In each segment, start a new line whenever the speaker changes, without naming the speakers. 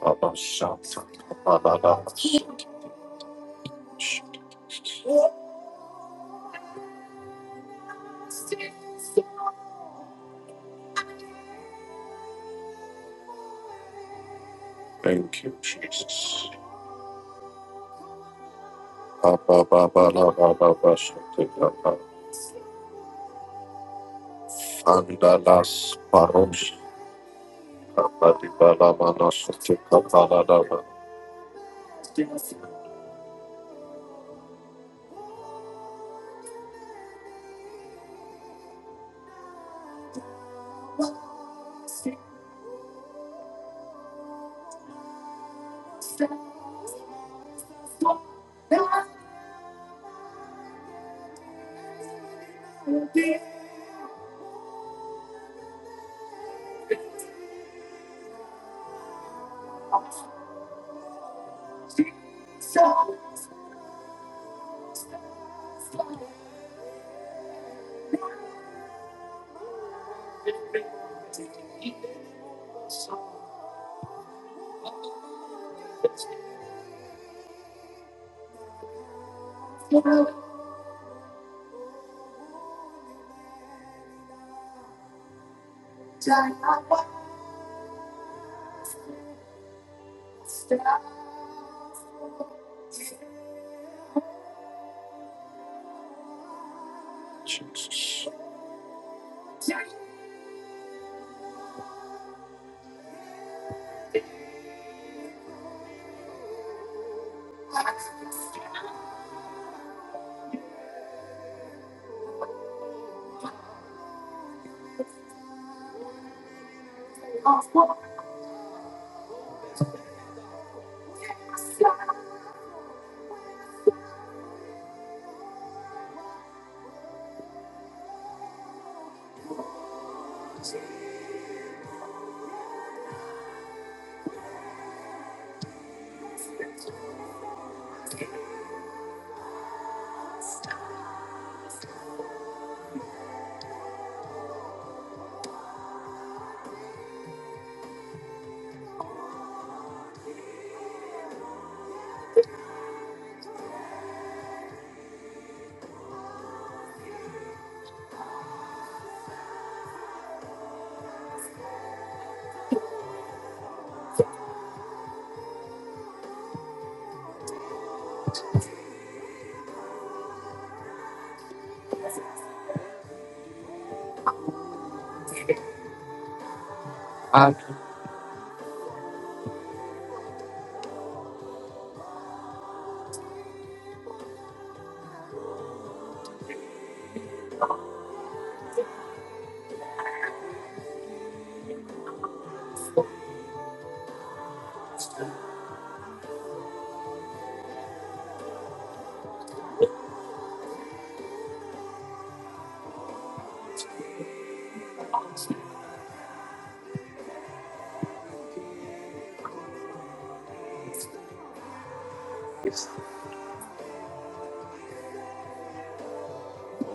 Thank you, Jesus. Andalas paros abadibala manasati kapaladaba.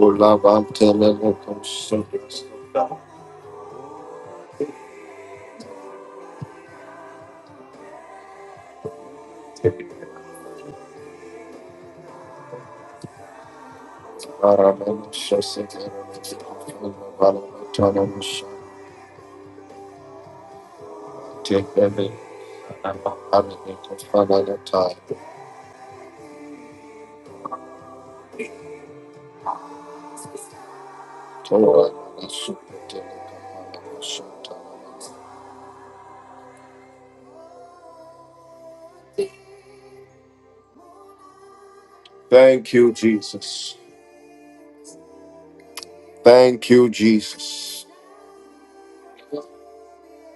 Ulavam telelekos sodis. Aramanas shasikaranas. Valamatanamas tekele. Anamikos panagatai. Toramanas supetelekapalamas sotanamas. Thank you, Jesus. Thank you, Jesus.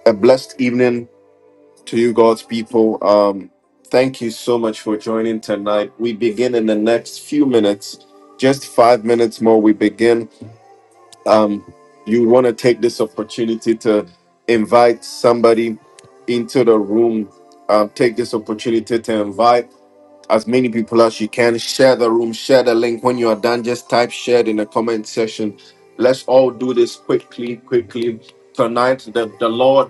A blessed evening to you, God's people. Um, thank you so much for joining tonight. We begin in the next few minutes, just five minutes more. We begin. Um, you want to take this opportunity to invite somebody into the room. Um, take this opportunity to invite as many people as you can. Share the room, share the link. When you are done, just type shared in the comment section. Let's all do this quickly, quickly. Tonight, the, the Lord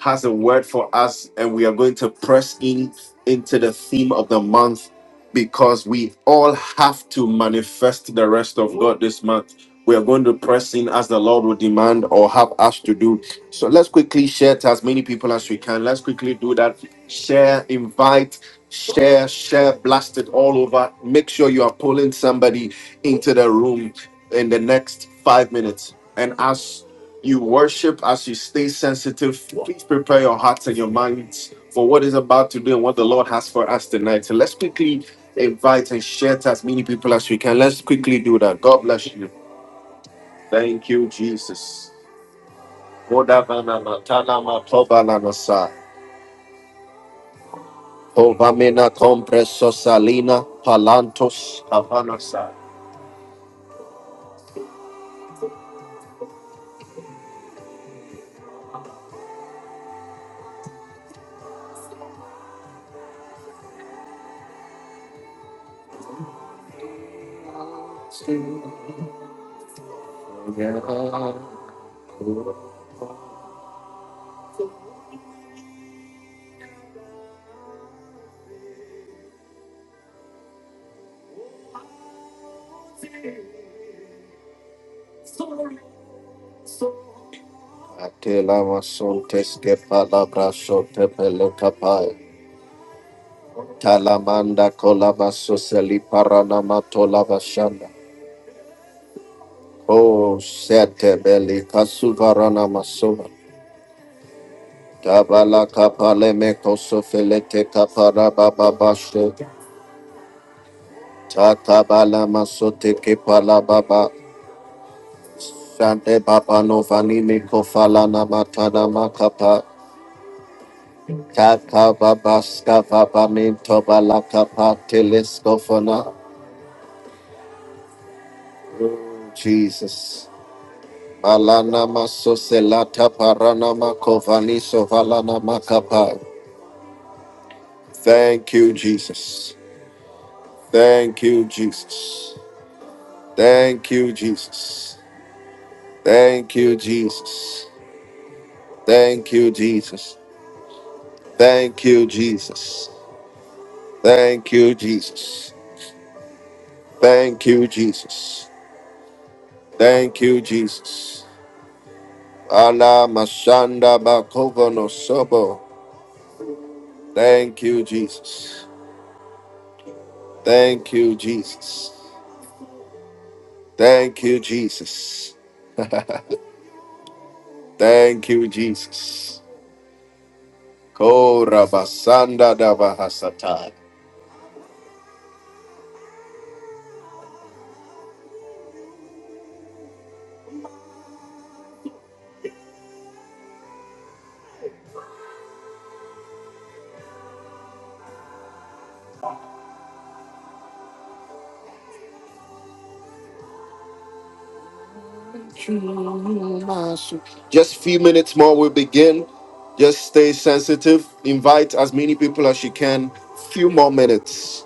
has a word for us, and we are going to press in into the theme of the month because we all have to manifest the rest of God this month. We are going to press in as the Lord will demand or have us to do. So let's quickly share to as many people as we can. Let's quickly do that. Share, invite, share, share, blast it all over. Make sure you are pulling somebody into the room in the next five minutes. And as you worship as you stay sensitive. Please prepare your hearts and your minds for what is about to do and what the Lord has for us tonight. So let's quickly invite and share to as many people as we can. Let's quickly do that. God bless you. Thank you, Jesus. Kodavana matana matobana nasa. Hovamena compresso salina palantos havanasa. Atela masontes que palabra sote pelota Talamanda kolabaso seli paranama tolabashanda. O sete beli kasuvarana masova. Tabala kapale meko sofelete kapara baba basho. Takabala masote kepala baba. Sante baba no vani meko falana matana makapa. Takababa skava baba minto balakapa teleskofona. Jesus. Alana maso selata parana makovani makapa. Thank you, Jesus. Thank you, Jesus. Thank you, Jesus. Thank you, Jesus. Thank you, Jesus. Thank you, Jesus. Thank you, Jesus. Thank you, Jesus. Thank you, Jesus. Ala mashanda bakovano sobo. Thank you, Jesus. Thank you, Jesus. Thank you, Jesus. Thank you, Jesus. Korabasanda dabahasata. Just few minutes more, we'll begin. Just stay sensitive. Invite as many people as you can. Few more minutes.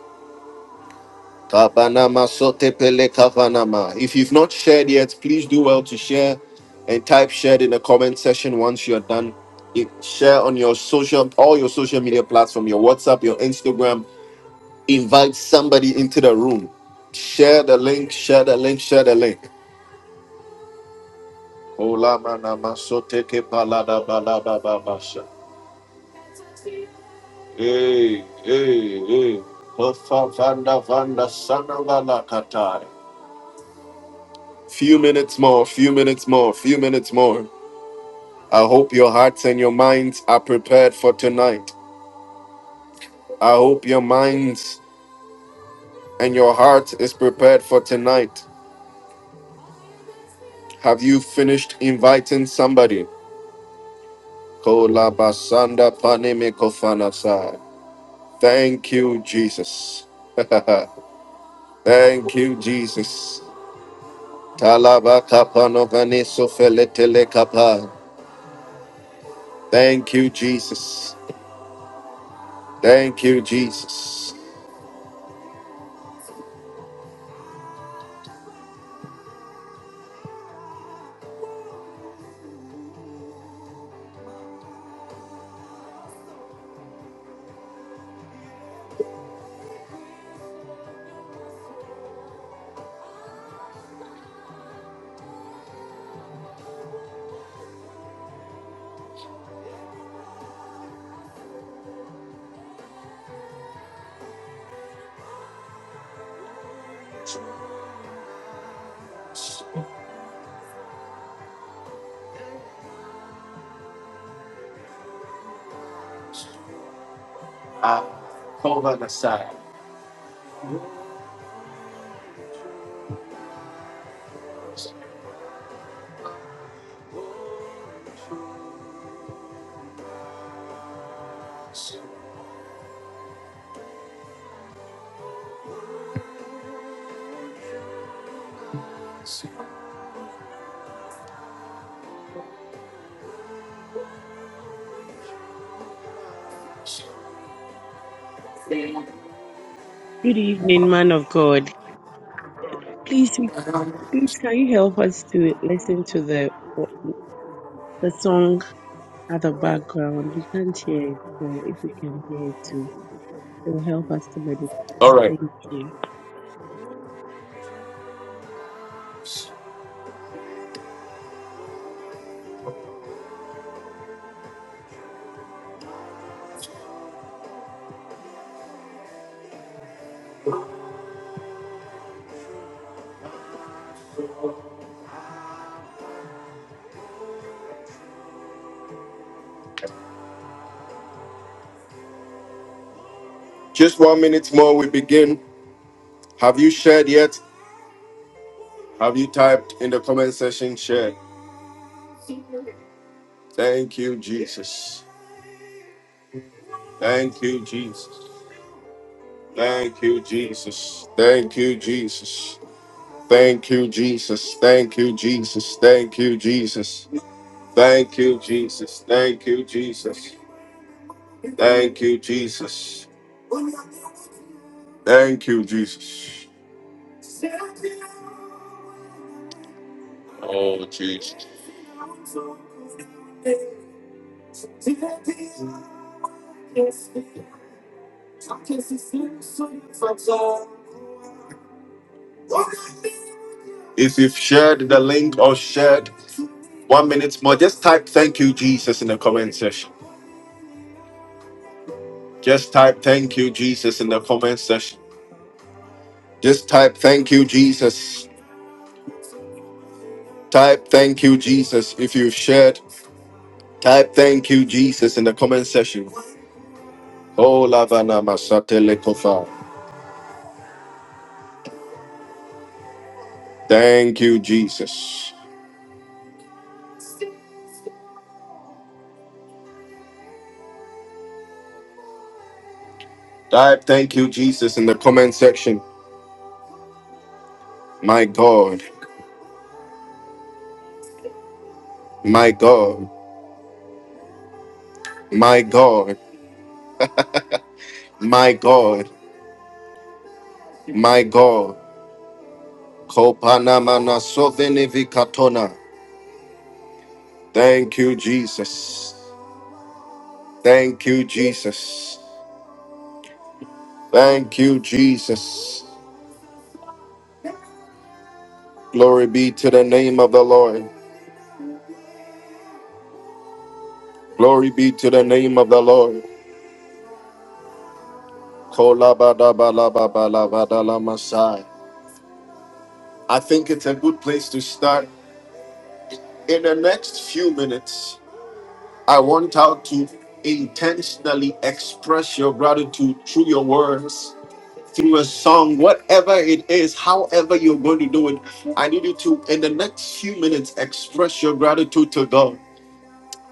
Kabanama sotepele kavanama. If you've not shared yet, please do well to share and type shared in the comment section once you're done. You- Share on your social, all your social media platform, your WhatsApp, your Instagram, Invite somebody into the room. Share the link, share the link, share the link. Ola mana masoteke balada balada babasha. Hey, hey, hey. Hofa vanda vanda sana vala katai. Few minutes more, few minutes more, few minutes more. I hope your hearts and your minds are prepared for tonight. I hope your minds and your heart is prepared for tonight. Have you finished inviting somebody? Kolabasanda panimikofanasa. Thank you, Jesus. Thank you, Jesus. Talabakapanovanisofeletelekapa. Thank you, Jesus. Thank you, Jesus. Ah, kovanasa.
Good evening, man of God. Please, please, can you help us to listen to the the song at the background? We can't hear it, so if we can hear it too, it will help us to meditate. Thank you.
Just one minute more, we begin. Have you shared yet? Have you typed in the comment section? Share. Thank you, Jesus. Thank you, Jesus. Thank you, Jesus. Thank you, Jesus. Thank you, Jesus. Thank you, Jesus. Thank you, Jesus. Thank you, Jesus. Thank you, Jesus. Thank you, Jesus. Thank you, Jesus. Oh, Jesus. If you've shared the link or shared one minute more, just type thank you, Jesus in the comment section. Just type thank you, Jesus in the comment section. Just type thank you, Jesus. Type thank you, Jesus. If you've shared, type thank you, Jesus in the comment section. Oh, Lavana Masatele Kofa. Thank you, Jesus. Type thank you, Jesus, in the comment section. My God, my God, my God, my God, my God. Kopanamana sovenivikatona. Thank you, Jesus. Thank you, Jesus. Thank you, Jesus. Glory be to the name of the Lord. Glory be to the name of the Lord. Kolabadabalabalabalabadalamasa. I think it's a good place to start In the next few minutes, I want out to intentionally express your gratitude through your words, through a song, whatever it is, however you're going to do it. I need you to, in the next few minutes, express your gratitude to God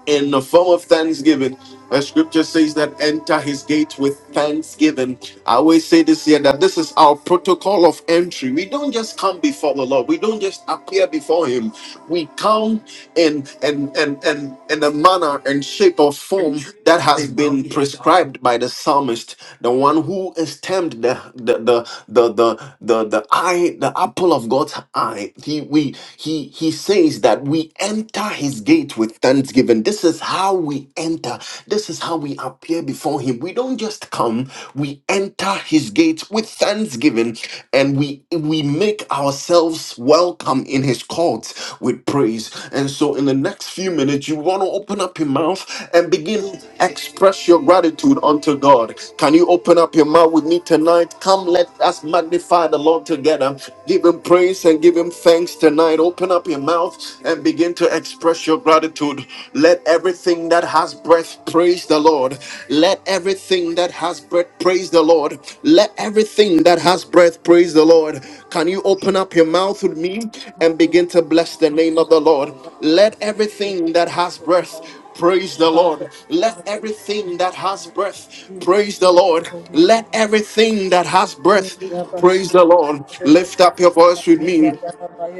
in the form of thanksgiving. The scripture says that enter his gates with thanksgiving. I always say this here that this is our protocol of entry. We don't just come before the Lord. We don't just appear before him. We come in in in in, in a manner and shape or form that has been prescribed by the psalmist the one who esteemed the the the the the the, the eye, the apple of God's eye. He we he he says that we enter his gate with thanksgiving. This is how we enter. This is how we appear before Him. We don't just come, we enter His gates with thanksgiving and we, we make ourselves welcome in His courts with praise. And so, in the next few minutes, you want to open up your mouth and begin express your gratitude unto God. Can you open up your mouth with me tonight? Come, let us magnify the Lord together. Give Him praise and give Him thanks tonight. Open up your mouth and begin to express express your gratitude. Let everything that has breath praise the Lord. Let everything that has breath praise the Lord. Let everything that has breath praise the Lord. Can you open up your mouth with me and
Hallelujah.
begin to bless the name of the Lord?
Merciful
Let
and
everything that has
merciful
breath
God.
praise the
Father,
Lord.
we
Let
give you
everything that
for
has
the
breath praise the Lord.
glory.
Let everything that has breath Praise the Lord. Lift up your voice with me.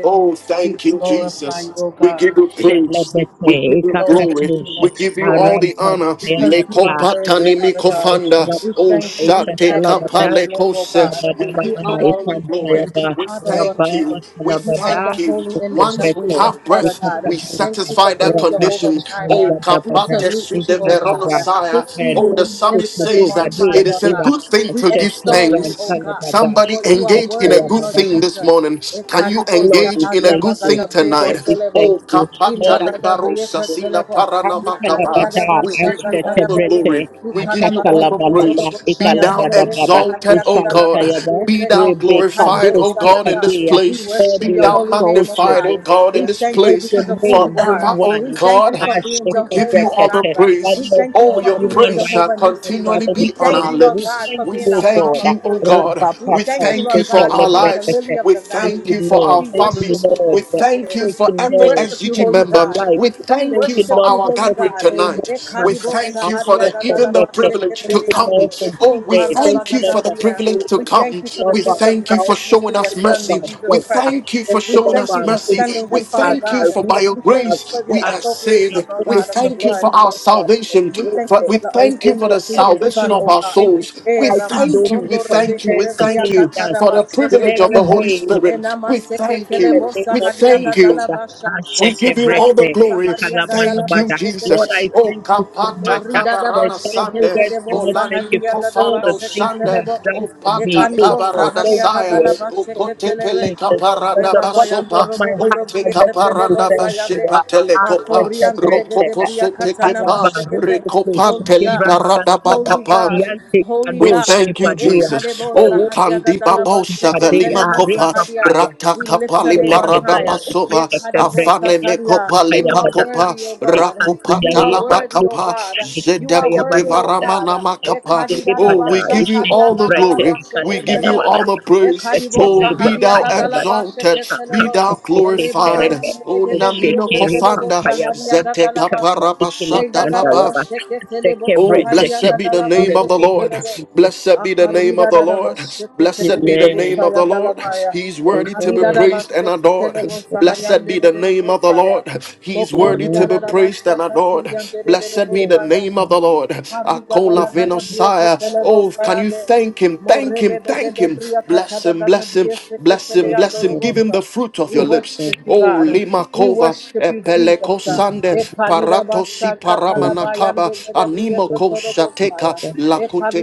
Oh,
We
thank you,
glorify
Jesus.
your
We
God.
give you praise. We give
Shelebete,
you
So your name,
glory.
O
Ikakatusha,
We give you
Jesus.
all the
Arampa,
honor.
because you are
Ayababa,
worthy,
Lekopatani
Father God.
Rapa,
mikofanda.
We
Oh,
thank you. We
shate
magnify
Isalabada,
your name, O God.
kapalekose. We
You
Rabadabada,
give you
are the
all the
King of
glory.
Kings.
Ikantayaba,
You
We
are the Lord of
Rabba,
thank you.
Lords.
We
You are
Ikalabada,
the
thank you.
holy and
Once
majestic
we
Ishutebrete,
one,
have
Father
breath,
God.
we
Thank
Ikakadosa,
you for
satisfy that
being
Rabba,
Jehovah
condition.
Jireh.
Oh,
We
Ikalabadabada,
salute
kapate
you,
de
O God.
Isalabra,
This
veronosaya. Oh,
evening
the
we lift
psalmist
your name
says
on
that
Verhoskutudubadiya,
high,
it is
Lord
a
God.
Diya,
good thing
We
to give
Ashete,
extol you, O
thanks
God,
Brantalabada,
Somebody
for you are
engage in a
worthy,
good
Lord
thing this
Jesus.
morning. Can you
Lord,
Ekadibosa
engage
we
in a
thank
good
you.
hariabagada
thing tonight?
Lord, we
breketelebo.
thank
Oh,
you.
kapata
Lord, I
Indagada
thank
lebarosa
you.
sila
breketelebo. We worship
paranamakaba.
Akantalabada,
We give you all the glory.
ashetebrete,
We give you all the
akatalabalaba,
praise. Be thou
ikalabadabada,
exalted, O God.
ishantayaba,
Be thou
Rebecca,
glorified,
Bush,
O God, in this
Kekadea.
place.
Lord,
Be
your
we
thou
holy
exalt
name, O
your
magnified, O
God.
name.
God,
We
in
We
this
thank you
exalt
place.
your
because of who you
name, good
are.
Forever, O
We
one.
thank you for
God.
being
We give you
Jehovah
all the
Ashetebrekete.
Jireh. We
praise.
Father of
thank you
Oh,
all
for
your
being
human
praise shall
Jehovah
righteousness,
Nissi.
continually
Father,
We
we
be on
thank
our
thank
you,
you.
Lord
We
God,
lips.
thank
for
We
being
you,
the balm
thank
God.
you,
of
oh
Gilead.
God.
We
We
Rebapata,
thank you,
thank you
Lord
for
God, for
our
being the
lives.
shetelebrekete.
lily of
We
the
Thank
thank
you,
valleys.
you for
Lord.
our
We
Thank you,
worship
families.
you,
Lord.
We
Holy
Yes.
thank you
Thank
Spirit.
for
you,
We
every
Lord,
worship you,
SGG
for
Holy
my
member.
God.
life.
We
We
thank
Thank
you
you,
worship
for
Lord,
you,
our
for
Holy
gathering
God.
fortifying this
tonight. We
month of
Ekadibo
thank you for
saharia
the,
hardships and
even the
gadalaba
working.
privilege
Thank
to
you,
come.
sheketeriando.
Lord, for this
Oh, we
day. Thank
thank
you,
you
Lord,
for the
for our
Ikarabagadabria.
privilege
children.
to
We thank
come.
you
Thank you,
for the
Lord,
We
for
gift
our
of
thank you for
spouse.
righteousness
showing
through
Thank
your
us
you, Lord,
Son,
for
mercy.
our
Jesus
We
Christ.
jobs.
thank you for
Thank
We
you,
showing
Lord,
thank
for
us
you
our
for
mercy.
sending
We
businesses,
him,
our
Father
thank you
God.
for by
career,
your
We thank
our,
you for
grace
the
we
our,
are
appropriation,
our
saved.
Lord
We
God, of
ministry.
the
thank you
Thank
blood.
you,
for our
Lord, for our
salvation.
We thank
For-
you
spiritual.
we
for the
Thank
thank
you
you for
for
the
atonement through your
salvation
son,
everything.
of
O
our
God.
Thank you
souls.
for
We
Eh,
fighting
thank
those
you.
who
We
Ramasondo
thank you.
rebege
contend
We
debria
thank you
against us
katada
for
ba
the
in
sheke
privilege of
every
the
televo.
Holy
way
Eh,
Spirit.
nama
We
seke
thank
in
you.
telebo
the name
We
of
sahariaga
thank you.
Jesus.
dalabasha.
We
Eh,
give you
Ashekebreke,
all the
kadibo
glory.
sahariaga
Thank
dalama
you,
Ikalabadabada.
sheke
Lord,
te.
I
Jesus. Oh,
thank you so
kapata
much. uh,
Morida da
For a
kabarana
thousand
sande,
words,
basheketele
I
bo
want to thank
sahandi
you
bolani
for
anda da
all the
kofando
things you
basheketele
sande,
have
bo.
oh
done for
pata
me.
Ekani
Oh,
bo
God,
kabarada
sahadi
thank you.
saya,
agadala
eh?
oh
Thank you,
kote
basheketele ve.
pele
Jesus. From
kaparada
the
Reba
bottom
bayando
of
basopa,
my
robo
oh
godo
heart,
te
I
briye
just want
ketele
to
bo
kaparanda
thank you.
sayande.
bashepa
uh,
telekopa,
Makori ande
Ashekebreke,
legede
rokopo
uh,
briya
sete
katana
kepa,
mashekete.
Ikalabarukuku,
rekopa
Holy God,
teliparada
Shikibrantalabada,
Holy
bakapa.
God,
Yanti
Holy
We
Kadosh
God.
thank you,
Kipadea,
Ekale
Jesus.
bo
Oh,
Baruch
sahadi
kandi
agadala
Kadosh
babosha
Kipadea,
velima
basheketele
Are
mo
real
kopa
sahadia.
Papaya.
rata
We lift
If
your
kapali
you
name
look
on
at the Kelekede,
parada
higher.
basova
Ekadi bo
Ekashetebreke,
afane
sahadia.
mekopa
You
lipa
are
Ekayabada,
kopa
worthy, O God.
rakopa
You are
Ekantuyaira,
talaba
worthy, O
kapa
God.
Pisa,
You
zeta
are
kute
worthy, O
Ekayabada,
God.
varamana makapa. Oh,
Ekasitelebada,
we give you all the
Eshetibrete,
glory. We give you
Ekadidarabashakariagadalabasheketelebo.
Ekalabadabada,
all the praise. Oh,
Esheteleba,
be thou
Kayabada,
exalted. Be
Ekadibosahadiagadalabasheketelebo.
thou glorified.
Ekakasitekerebe,
Oh, namino
Eshekeri,
Rebabayandelegedebrieketelebo
kofanda
Pampayabada,
zete
sahadiagadalabasa.
kapara
Dega
basata
gada
baba.
Ekakasitelebandayaba,
basheke telebo
Oh,
Esekebrete.
sahalia
blessed be
gada
the
la
In
name
the
bashe
of the
ketele
name
Lord.
of
telebo.
Jesus.
Blessed be the name
Akarida
of the
da da
Lord.
basheke
Blessed be the
telebo
Amen.
name of the
sayanda la
Lord.
maya.
He is worthy to be
Ekarida
Amen.
da
praised and
basheke
adored.
telebo
Blessed
sahayande
be
de
the
de de
name of the
bosaya.
Lord. He is worthy
Mokorida
to
Amen.
be
da da
praised and
bashaka
adored.
tiriande de de de
Blessed be
Amen.
the
bosaya.
Yes.
name of the Lord.
Karika
It
dala
Akola
means
gada bria
venosaya.
ketele
Oh,
bosa
can you you
yande.
thank Him, thank
Morebe
Him, thank
begede
Him.
bria
Bless
katada
Him,
gada
bless Him,
bria
bless
seketele
Him,
that
bless
the
Him. Give Him
robosa.
the fruit of
We
your
book is
lips.
worship you,
Oh,
God.
successful
We
Limakova,
worship you, Jesus.
Epeleko
in
Sande,
the work
Ekalida basha
Paratosi
of
katala
the
Paramanakaba,
bayande gede bria
Animoko
katoro bosa
Shateka,
ya.
system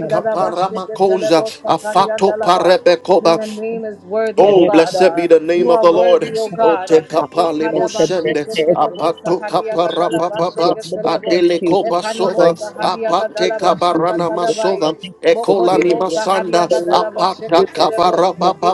and the
da basha
madness
ketele
Paramakosa,
bosa kariyanda
Afato
laba. For
Parebekoba.
your
and
name is
the
worthy, O
Oh,
God.
blessed be
Uh,
the name
you
of
are
repose
the Lord.
worthy, O
and
Oh,
God.
the
Uh,
take up a
darkness that the
limotion.
breath of the
Apato
Kapuski and
kaparapapa.
the Lord.
Ekadabasheketelebosahadiagadalabasheketelebo.
Thank
Adele
you. Father, I
kobasova.
thank you. Lord.
Apate
Thank you,
kabarana
Jesus. Father,
Ekanimosahadiagadalabashakatadabaye.
masova.
thank you for
Ekolani
Gloria. It
masanda.
belongs to
Apata
you, my
Mokodebosahadiagadalabasheketelebo.
first man.
kaparapapa.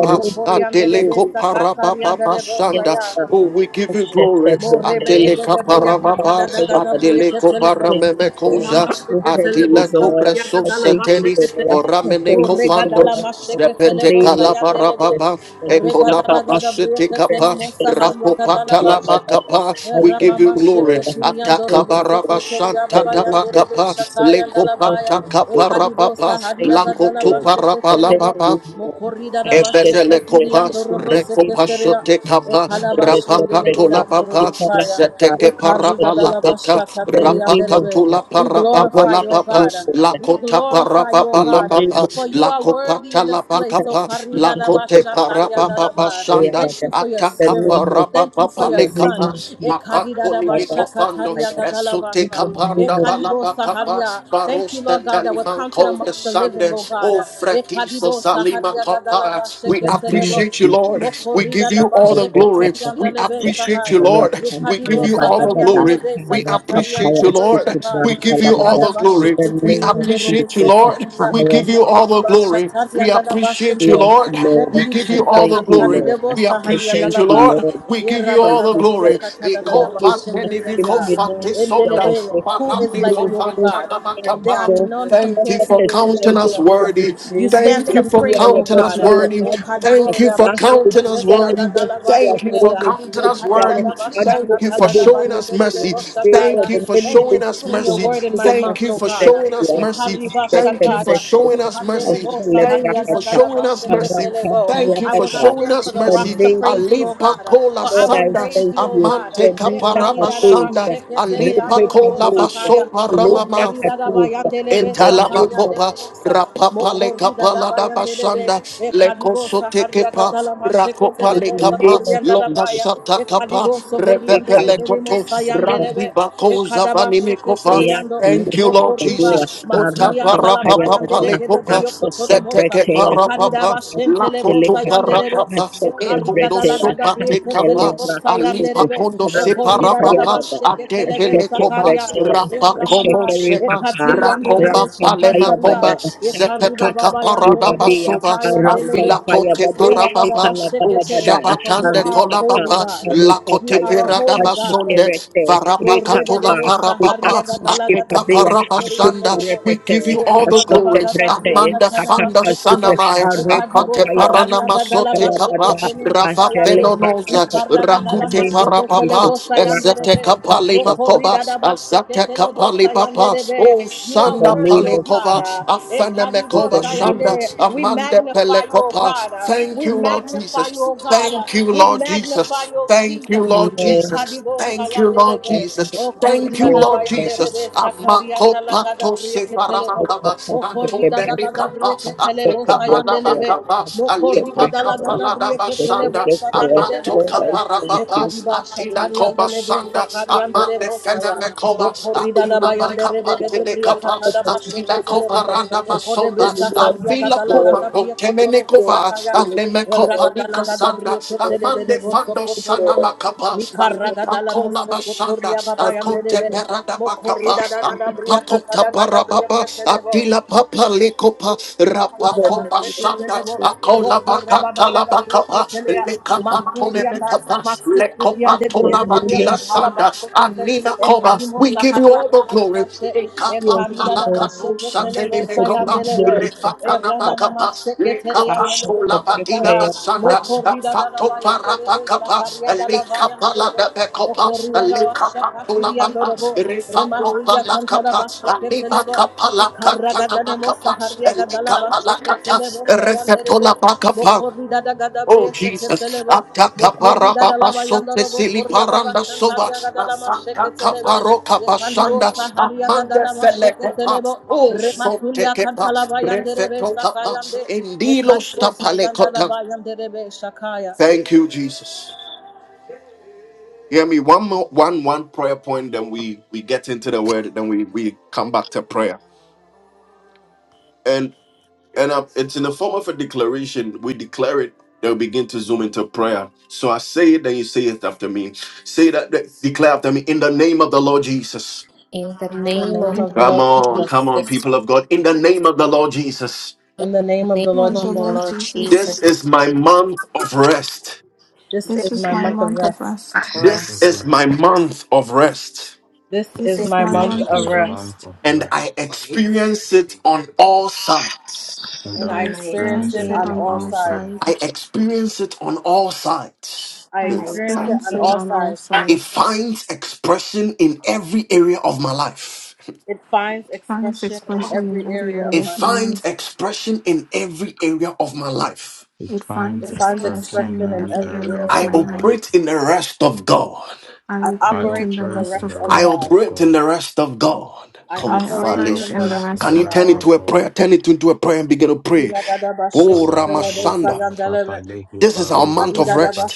I wrote this
Adele
list.
koparapapa shanda. Oh, we give you glory.
Asheshabete,
Morebe de
Adele
Gadabria Catada
kaparapapa.
da
Arampayabada.
Gabria
Adele
I
Telebo,
thank
koparameme
you, Lord. I
Enamashe
thank
Telebo,
you,
Adila
Lord.
cobra
Sandia
so
I
Gadala
thank you,
satelis
Bashekete,
Lord.
for
I
ramene
thank you,
Morega
Lord.
Dala
cofandos,
In
Masheke
the
Zepete
Telebo,
name of
calavara
Sayandelebe,
Jesus.
baba, Ecola
Regadala
baba
Gadabria
shitty capa,
Tenemosa Hadia Gadala
Rakopata
Basha.
lava capa.
I
We give
thank
Ramama
you
you,
glory.
Lord.
Shekatini
I
and
thank
Dorobo
you, Lord.
Atakabaraba
In
Sekotoria
shanta
the
Baba
name of
Yanderebe
tabakapa,
Jesus.
Shakai and
I thank
Dalabaya,
Lekopata
you, Lord.
Ekadibo
caparababa,
Thank you,
Sahadiaga
Lanco to
Dalaba
Lord. I thank
Sheketelebo,
you,
parabala
Lord.
Mokorida Daba
the
Evetele
Shekatini and
kopas,
in
Dorobo
the name of
Seketeria,
rekopasho
Jesus.
te
I
kapas,
shed
Ekalabash
the
and
rapaka
Delebe
tola
and
papa,
Dorobo Saya,
Kalakata.
seteke
I
parapa
shed
Ekariga Dalaba
in
parapalatata,
Shakateri
the
and
name
rapaka
of
Derebe.
Jesus.
tola
We
I
parapa
glorify
la
your
worship
papa,
you,
God.
Lord.
We
lakota
glorify you, O
parapa
In
la
the
God,
name
papa,
of
for you are worthy in
lakopata
this
la
Jesus.
place. O
pakapa,
In the name of
karidadaba
lakote
Jesus. In
parapapa
shatariandadaba.
shanda,
Thank you for your
the
ataka
spirit.
name of
Thank you for
in
parapapa
your
the name
lekapa,
son.
of
E
Jesus.
makakoni
Ekadidadaba
mikofando,
I am
esute
In the
shakatariagadalabasha.
name
kapanda
of
Ekalibo
balapakapa,
saharia. Thank you,
barosta
Lord God, that we're counted
talimanko the
amongst the living,
sande,
O God.
o
E Ekadibo
Jesus, Alima
In
We
the name of
sahariagadalabasheketelebo.
appreciate you,
Jesus,
Lord. We
Mokorida
give
da
in
you all
the
the
basheke
name
glory.
of
We
teriandele be
Jesus,
appreciate you,
sahaya.
Lord. We
Ekadibo
give you all the
sahariandele
glory.
be
We appreciate you,
sakatariandele be
Lord.
shakaya.
We give you all
Ekada
the glory.
basheke
We
teriandele robo
appreciate you, Lord.
sokotoria.
We
our
give you all
Mokoti
the glory. We
bashatariandele
appreciate
basheke.
you,
yes,
Lord.
Lord,
Thank
We
you,
give
I
you all
Jesus.
the
thank you,
glory.
Lord.
Ekadidebo
We
I thank
appreciate
sahariandele
you,
you,
ba.
Lord.
Lord.
We give you all
Thank
the
you
Erabagadabriya
glory.
for
katadadada
your
Eko
basheke
beautiful
pateni
teria.
miko fate
communion, our
sonda.
Endelebe. Who is
Parame
like
ko
celebration,
your God?
fantana
and
They are
makapa.
so
none
Thank you
compared
for
such
to
for
a
you, O
counting us
service
Jesus.
to be
worthy.
free.
You stand
Thank you
Maybe
for
they are
supreme,
a
O
counting
best
us
God.
way of
worthy.
answering a
Thank you
Ekadibora
for
star.
basheke
Maybe
counting us
they
tedi
are a
worthy.
best
agadala
way of
Thank you for
bashekeya.
holding to
counting
the
us
hour
worthy.
Ekadidada
and for
Thank
bashaka
you
the
for
tadada
showing
business
us
bayende de
to
de
mercy.
our day for
Thank
boshataya.
you
the
for
many
Thank you
showing
for
us
blessings
putting your
you
mercy.
have
word in my
given us
Thank
mouth,
you
O
to
for
thank
God.
showing
you.
us
I
mercy.
set
Thank
a
you for
Ekaribashataya,
breath for that.
showing us
breakfast. I'll
mercy.
ikanderebo
celebrate
Thank
that.
saharia
you for showing us mercy.
gadalabasheketelebo.
Thank you
I
for
will not
showing
stand
In
us
for the
the
mercy.
rocks to
name of
praise you, O
Jesus.
Alipa
God,
kola
for I
Lord,
will
I
sanda,
praise
thank
you, O
you.
God.
amante
Remita
kaparaba shanda,
Katusha,
Ekaridadabasheketele
alipa
Repe
andorobo
kola
Kadosha,
sakaya,
baso
Libra
paramama,
Katusha, in
mokoridadabayandelebe
the name of
Etalamakopa,
sakariandelebo sa-
Jesus,
Rapapa lekapala da
mokoridadabayandelebe,
basanda,
ekaribo
Lekosote
saharia
kepa, Rakopa
in
gadalabasheketelebo
the
lekapa,
name
sakoriandadabaya.
Lokasata kapa,
Ekadibo sohoriande
Repepe
de gelimo
lekoto,
of Jesus.
sayandelebe.
Randi bako
Ekadaba
to
zavanimikopa.
to
sheketeliando
Thank
lose
you,
to
Lord
the
mokoriba
Yatulushadua,
Jesus.
matilian
Otapa
tala
Arapampaya
payande
rapapa
de
Baba,
gede
lekopa,
brio kotono mosa.
Seteke
Asotebretea,
Ekadidaba
parapapa,
shentelebo
Lakoto
Akapasitelepada,
sayandelebe.
parapapa,
Ekarida
Ekondo
dala
Asotebretea,
gada
sopa
brie
tekapa,
ketelebo
Aselebrakatu,
Alipa
sayandelebe.
kondo separa
Okorida dala
Arampampaya
papa,
Baba,
ate
basheketelebe
vele kopa,
sakaria.
Asetebretea,
E
rapa kombo
Ramama,
Ashekeri
sema,
Papa,
Ekatiri and the Rebe
rakomba palema
Arampampaya
komba,
Shakataria,
Baba,
zepeto
Ekariba Baba and
kapara daba
Robo
Akakatustibabea,
suva,
Sakai and Delebe.
afila
Arapampaya
kote
Bade,
para papa,
Ekalabababada,
For you
ushabatande
are a
kola
holy
Arikaka,
papa,
God. You
lakote
are a
Arikakayaba,
pera
holy
daba
God.
sonde,
Ashekerete,
Morre de
Rikapa,
Varapakatola
debo saharia
parapapa,
gadala
Ikatushki
gada
ateka
brio
Pabia,
koterian
parapashanda.
dorobo.
We
Atukurepete,
give you
Morre
all the
baba
Ashete
glory.
baga da bria
Brete,
Amanda
katana
fanda
Akakasuke,
bashekete.
sanamai.
Arepa
Ekadibo
Akate
Paya,
saharia gadala
paranamasote kapa.
Akakalabada,
bashekete ni mosa
Rafa
Ashele
venonoza.
Bakada,
Ikara
in the
gadala
Rakute
name of
mashekete
parapapa.
Jesus,
lebo sayande
Ezete
rebe.
kapali
Rakatusha,
Mokori
makoba.
dada
Azate
bashekete lebo
kapali
sayande
papa.
rebe.
Oh
You
in
are
the
sanda
worthy,
name
O
of
God.
palekova.
Jesus,
Ah,
in
Ekadibo
Afenemekova
the name
shanda.
of
sayande.
Jesus,
We
Amanda
magnify you, O
pelekopa.
God. Ah,
Thank
We
you, Lord
magnify you,
Jesus.
O God. Ah,
Thank you,
We
Lord
magnify
Jesus.
you, O
Thank you,
Jesus.
Lord
Amen.
Jesus.
Ekadibo
Thank you, Lord
sayandelebe.
Ashete,
Jesus.
O
Thank you,
korigada
yes,
Lord
Lord,
Jesus.
bayandelebe.
Amako
Sakariyanda la gada
pato
brieke telebo.
sefarakaba,
Moko
anto
Akakasuke
rigada gada
Brete,
berikapa,
brieke telebo
Ashete Brete,
apeka
Ashete
sayandelebe.
palabakaba,
Moko
alipa
Brete,
rigada la gada
kapaladaba
brieke
Ashete
sanda,
telebo
Brete,
apanto
sayandelebo
Lord, I
saya.
thank
kaparababa,
you.
Ekadiba
atila
Thank
koba
shatariyandelebe.
sanda,
Thank
amande
Sakariyandelebo saya.
feneme koba,
Moko rigada
akula
bayandelebe
bakapa
gede briaka tada basheke
atila
telebo.
koba randa
Moko debe
masonda,
sakariya gada
afila
la
koba
gada brieke torobo
Temenekova,
sakaya.
Alemekopa Nikasanda, Amande Fando Sana Makapa, Alipa Kola Bashanda, Akote Berada Bakapa,
Mokorida da da da bria
Alipa
kata
Kota
da da da bria
Barababa,
keselebo.
Adila Papa Likopa,
Mokorida
Rabako Bashanda, Akola Bakata Labakapa, Lekapantone Mekapa, Lekopantona Matila Sanda, Anina Koba. We give you all the glory.
you.
Ekapampalakadosatelemekoba. Refatanabakapa. Lekapatolabadinabasanda.
da da bayan derebe,
Afatoparapakapa.
sakaria da la bayan derebe,
Lekapaladabekopa.
Okorida gawa shaka siriyando
Lekapatolabamba.
robo rematulia kantara
Refapopalakapa.
basheke telebo ikarraga danemo
Alibakapalakatanabakapa.
saharya gadala basheke
Elekapalakata.
telebo sayanderebe
Refetolabakapa.
mokorida da
Oh
gadabrie seke
Jesus,
telebo
ataka para
mokorida da
baba
lava
sote
robo
sili
korya baba
paranda sova,
shantarya gadala
asaka
masheke telebe
kaparo kapashanda,
yekandibo saharya
amanda
gadala masheke telebo
felekepa, oh sote
rematulia
kepa,
kantala bayanderebe
brefeto kapa,
sakayande
indilo
yekandibo sayandala
stapalekota.
bayanderebe shakaya
Thank you, Jesus. Hear me, one more, one, one prayer point, then we, we get into the word, then we, we come back to prayer. And uh, it's in the form of a declaration. We declare it, then we begin to zoom into prayer. So I say it, then you say it after me. Say that, that- declare after me, in the name of the Lord Jesus.
In the
in the
name
name
of
and
of the
um, I
Come
Lord
on,
Jesus
come on,
Jesus,
people of God. In the name of the Lord Jesus,
In the name of
name
the Lord
Like
of
the
the
Jesus,
Lord
Lord
Jesus,
Jesus,
this is my month of rest.
this
this
this
is
is
is
my
my
my
month of
month of
rest.
rest.
month
prayer.
This
of
is my
rest.
month of rest.
This
This
is
This
is
my
my
is
This
month
my
is
month
of
my
of
rest.
month
rest,
of
And I
rest,
experience it on all sides.
and
And
and
I
I
I
and I
experience
experience
it
experience
it
it
experience,
on
on
on
all
all
all
sides.
sides.
I
sides.
experience it on all sides.
I
I
I
experience it
experience
on
it
experience
all
on all
sides.
It
sides. It
finds expression in every area of my life.
It finds
Finds
expression in
expression in
every
every
area of
area
It
my
of my
life.
finds
life.
expression in every area of my life.
It
It
finds
It
finds
finds
expression in
expression
expression in
in
every
every
every
area
area
of
of
area
I
my
of
my
my life.
life.
life.
operate in the rest of God.
I
I
I
operate
operate
in the
in the
operate
rest
in
rest
the
of
of
I
God.
rest
God.
of
operate in
God.
the rest of God.
I
I
I
operate
operate
in
Consolation.
the
in the
operate
rest
in the
rest
Can
of
you
of
rest
turn
God.
it
of
God.
to a
God.
prayer? Turn it into a prayer and begin to pray. Oh,
Kala baroba
Ramashanda.
ababa
Iradadabashekatelebesayandelebe.
lehe
This is our
barode
month of
kedeba.
rest.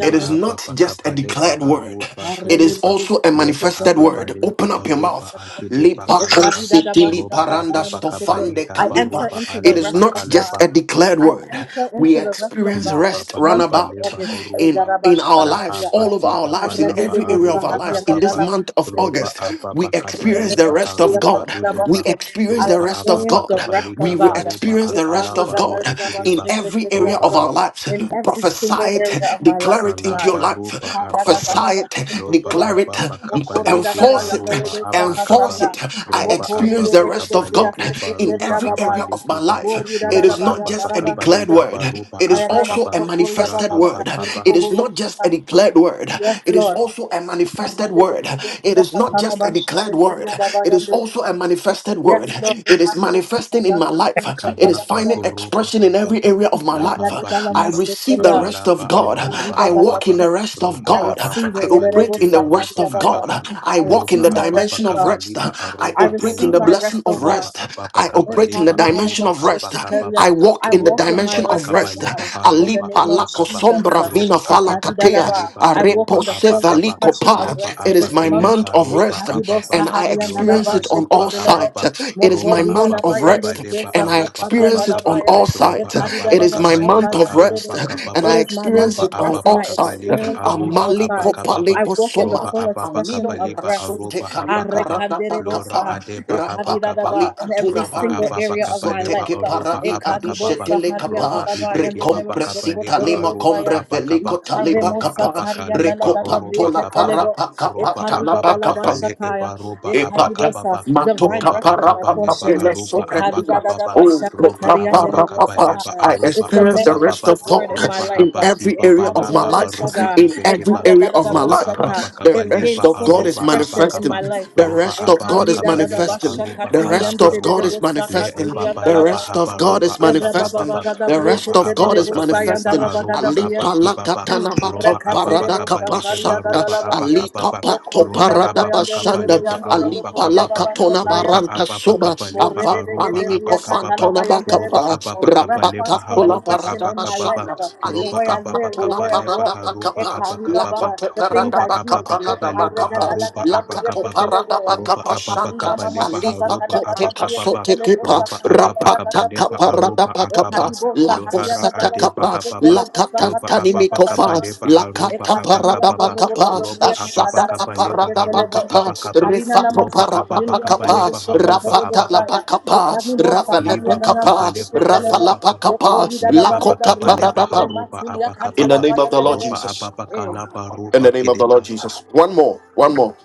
It is not
ababa
just a
kapaleba
declared word,
I
haruba
it is
kedeba.
also a
Leba
manifested
ababa
word.
leba
Open up your
aruba
mouth.
akedeba
Lipako
kalaba.
sitili
Roba
paranda
ababa kabali
stofande
enter
kalipa.
habaruba
into the
It is
aleba
rest
not
of
just
kaleba.
God.
a declared
I
word.
enter
We
into the rest of
experience
God in
Liba
rest
the month
bakaba
of
runabout
leba
August. I
in
oruba.
in our
Laha
lives, all of
baki
our
baba
lives, in
laba
every area of our
aruba
lives, in this
kababa.
month of
Roba
August,
aba
we
bakaba
experience the
leba
rest of
haruba
God. We
udeba.
experience the
Roba
rest
aba
of
experience the
God.
bakaba
rest
leba
We
of
re-
God
baruba
experience the rest of
akalaba
God
robe
in
kideba.
every area
Roba
of of our
aba
lives.
in every
Prophesy
single
it,
area of my life,
declare it
oh
into
God.
your
kalaba
Yes,
ruba
life.
ababa.
Prophesy it,
Loba
declare it,
aba bakaba lehe
enforce it,
baruba
enforce
abakaba.
it. I
Roba aba
experience the rest
bakaba
of God
lehe
in
baruba
every area of my
abalikiba.
life. It
Loba
is not
aba
just a
bakaba
declared
leha
word,
baruba
it is also
abakaba.
a manifested word.
Rahaba
It is not just a declared word, it is
Lord.
also a manifested word. It is not just a declared word, it is also a manifested
Yes,
word. It is manifesting in my life. It is
Kalaba
finding
Lord.
Koroba
expression in
Aba.
every area of my life.
Lapa
Arragadala
I
pakipa
receive the
apa
masekeria.
rest of
lapa
God.
aruba
Ekariba
I walk in
apapa
gadabria.
the rest of
roba
I
God.
apapa
receive
I
it. Ererebo
operate
kabaleke
in the rest
sakaria
baroba
of God.
baba.
apaka
I
I
walk in
roba
the
receive my rest,
apapa
O
dimension of
God.
rest.
kabaliba
I
I
aroba
operate in
receive
the
my
halaba
blessing
rest, O
of
God.
roba
rest.
apapa
I operate in the
kabaliba
Mekarida
dimension
aroba
daba
of rest.
apaka
I
sheketeria.
baba
walk
I
in the
roba
walk in my
dimension
apapa
of
rest, O
rest.
kabaleba
God, in the
Ali
haroba
name of
palako
apakaba
Jesus.
sombra vina
roba
fala
apapa
Ekarida
katea.
daba.
kabaliba
I walk
aroba
Arepo
in the full
apakaba
sevaliko
expression of
pa.
roba
rest for
It is
this
my
month.
month
apakeleba
of
roba
rest
Ekaribo
apapa
and I
saharia
lora
experience
nadaba
it on
adiba
all
sheketelebo.
sides
apapa
night. It is my
roba
Mokorida
month
apapa
daba
of rest,
yandelebe
kabaleba
and I
aroba
sakataria
experience it
apakaba
on
nadabaya.
all
roba
It
sides. It
ababa
is my month
kabaleba
of rest,
aroba
and
kababa
I
is my month
experience
roba
of
it on
rest
ababa
and I
all sides.
kabaleba
experience it on
aroba
all
Amaliko
sides.
abakababa
I
paliko
walk in the
soma,
roba
full
ababa
expression
amino
of
kabaleba
rest
katsote
aroba
kali
habakaba
paradata
lora
kapa,
Arekanderebosa,
adeba
rapa pali
habakababa
ekadidadaba, in every
atuna
roba
single
vande,
ababa
area of my
zote
kabaleba
life.
ke
aroba
paradi adushe
abakababa
Ekadibosa
tele kapa,
roba ibeki baba
recompresi
kabaleba
talima
aroba
hadiandalabayanderebosokotorobosa.
combre
abakaba
veliko taliba
Ikaremo
roba
kapa,
satarianda la
abakaleba
recopa
bagabrie
aroba
tola
ketelebo.
kababa
parapa kapa
roba
Ekariga da
ababa
la
talaba
kabale
bashakaya.
eba roba
Epata.
Ekaribosa.
abakababa
Divine
roba
Matoka
rest is
para
my
papa
akabaleba
portion.
pele
aroba
Ekariga
soprendila.
da da
abakababa
Oh,
roba
kopa
bashakatarianda
ababa
para
lebo
papa.
kabaleba
sakaya.
I
aroba
It's the
experience the rest
abakababa
manifested
of
word
God
in my
roba
life.
in
habaki
every area of
Ekarida
my
da
babalaba
life.
aroba
bosaga.
In every
ibekeba
Ekarada
area
da
of
da
my
roba
life,
bashaka.
ababa
the
It
rest
kabaleba
gains
of
full
God is
aroba
expression in
manifesting.
my
abakaba
life.
The
roba
rest of
ababa
God is
Ekarida da da
kabaleba
manifesting.
aroba
The rest
bashakatirianda
kalaba
of
de
God
de
roba
is
le
manifesting.
ebaba
bosakatirianda
The
la
laba
baya.
rest of
haba
God
roba
is
Erra baba
manifesting.
abakababa
baga da
The
brie
roba
rest of
ketele
God
de
ababa
is
bosaya
kabaleba
da
manifesting.
raba
aroba
Alipa la
abakibaba
katana mato
roba ababa
Rekatere
parada
bosta saria
kabaleba
kapasanda.
roba
gadala bashe.
Alika
abakababa
pato
roba
Mokorida da
parada
ababa
bayande
basanda.
rebebe
kabaleba
yando robo
aroba
Alipa
koria
la
kababa
katona
roba
baranta
ababa
soba.
kabaleba
Ava
Responsible
aroba
panini
abakababa
kofantona
roba
bakapa.
ababa kabale
Rapata
baha
pola
roba
expression
parada
in my life,
abakababa
basanda.
uh, the
roba
way
Alipa
I
ababa
live, the
patola
way I
kabale
parada
walk.
baha roba
bakapa.
abakababa
Ekaribaba,
Lakote
The things
parada
roba
I do.
ababa
bakapa la da
kabale baha
bakapa.
roba
Lakato
abakababa
Ekaregadalagadabrieketelebo,
parada
roba
bakapa
ababa
Anta
kabale baha
alifa
roba
kote
abakababa
kasote
ekarimamamashakakadagadabrieketelebo,
kipa
roba ababa
rapata
kabale
kapa
baha
sakadriagadagabrieketelebo,
roba
radapa kapa
akaba
ekaribo
la
lohara
kosata
ade
kapa
baha baba
la
sahariagadalamasheketelebo,
roba
katantani
ababa
mikofa
kabale
sakatariagadalamashe.
la
baha roba
katapa
Ekatilian
radapa
abakababa
Dorobo
kapa
roba
Godobria Katada
ababa
asata kapa
kabale
Damosete
baha
radapa
roba
Telebo,
kapa
abakaba
Karina
rifato
roba
Namaskete
ababa
paradapa
Tilian
kabale
kapa
Dorobo
baha
Soko
roba
Torobo
rafata
ababa
la
Saya,
kapa
Ekanibo Saharia
rafalepe
Liba bakaba
kapa
Namaskete
leba
Telebo,
aruba
rafalapa
kaba.
kapa
Bokorida
la
Liba
Dabaga
kota
bakaba
Dabria,
leba
paradapa
haruba
Rematulia
in the
abakababa.
name of
Kantalabaya
the Lord
Delebe.
Roba
Jesus
Eh,
ababakalaba
in the
roba
name of the Lord
kideba.
Jesus one more one more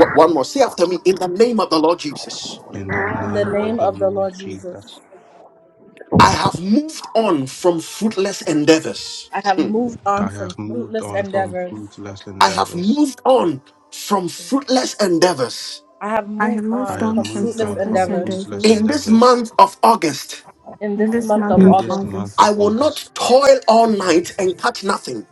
one one more say after me in the name of the Lord Jesus
In the
In the
name of
name
the
of the
Lord
Lord Jesus,
Jesus,
I have moved on from fruitless endeavors.
I have
Hmm.
moved
I
on from
have moved
fruitless
on from
endeavors.
fruitless
I have
endeavors.
moved on from
in
fruitless endeavors.
I have
I have
moved
I
moved
on
have
on
from
from
moved
fruitless
on
fruitless
from
endeavors
fruitless
endeavors.
In this
endeavors.
month of August,
in
In
this
this
month
month
will
of
In
of
this
August.
month
August,
of
I will
August,
not toil all night and catch nothing.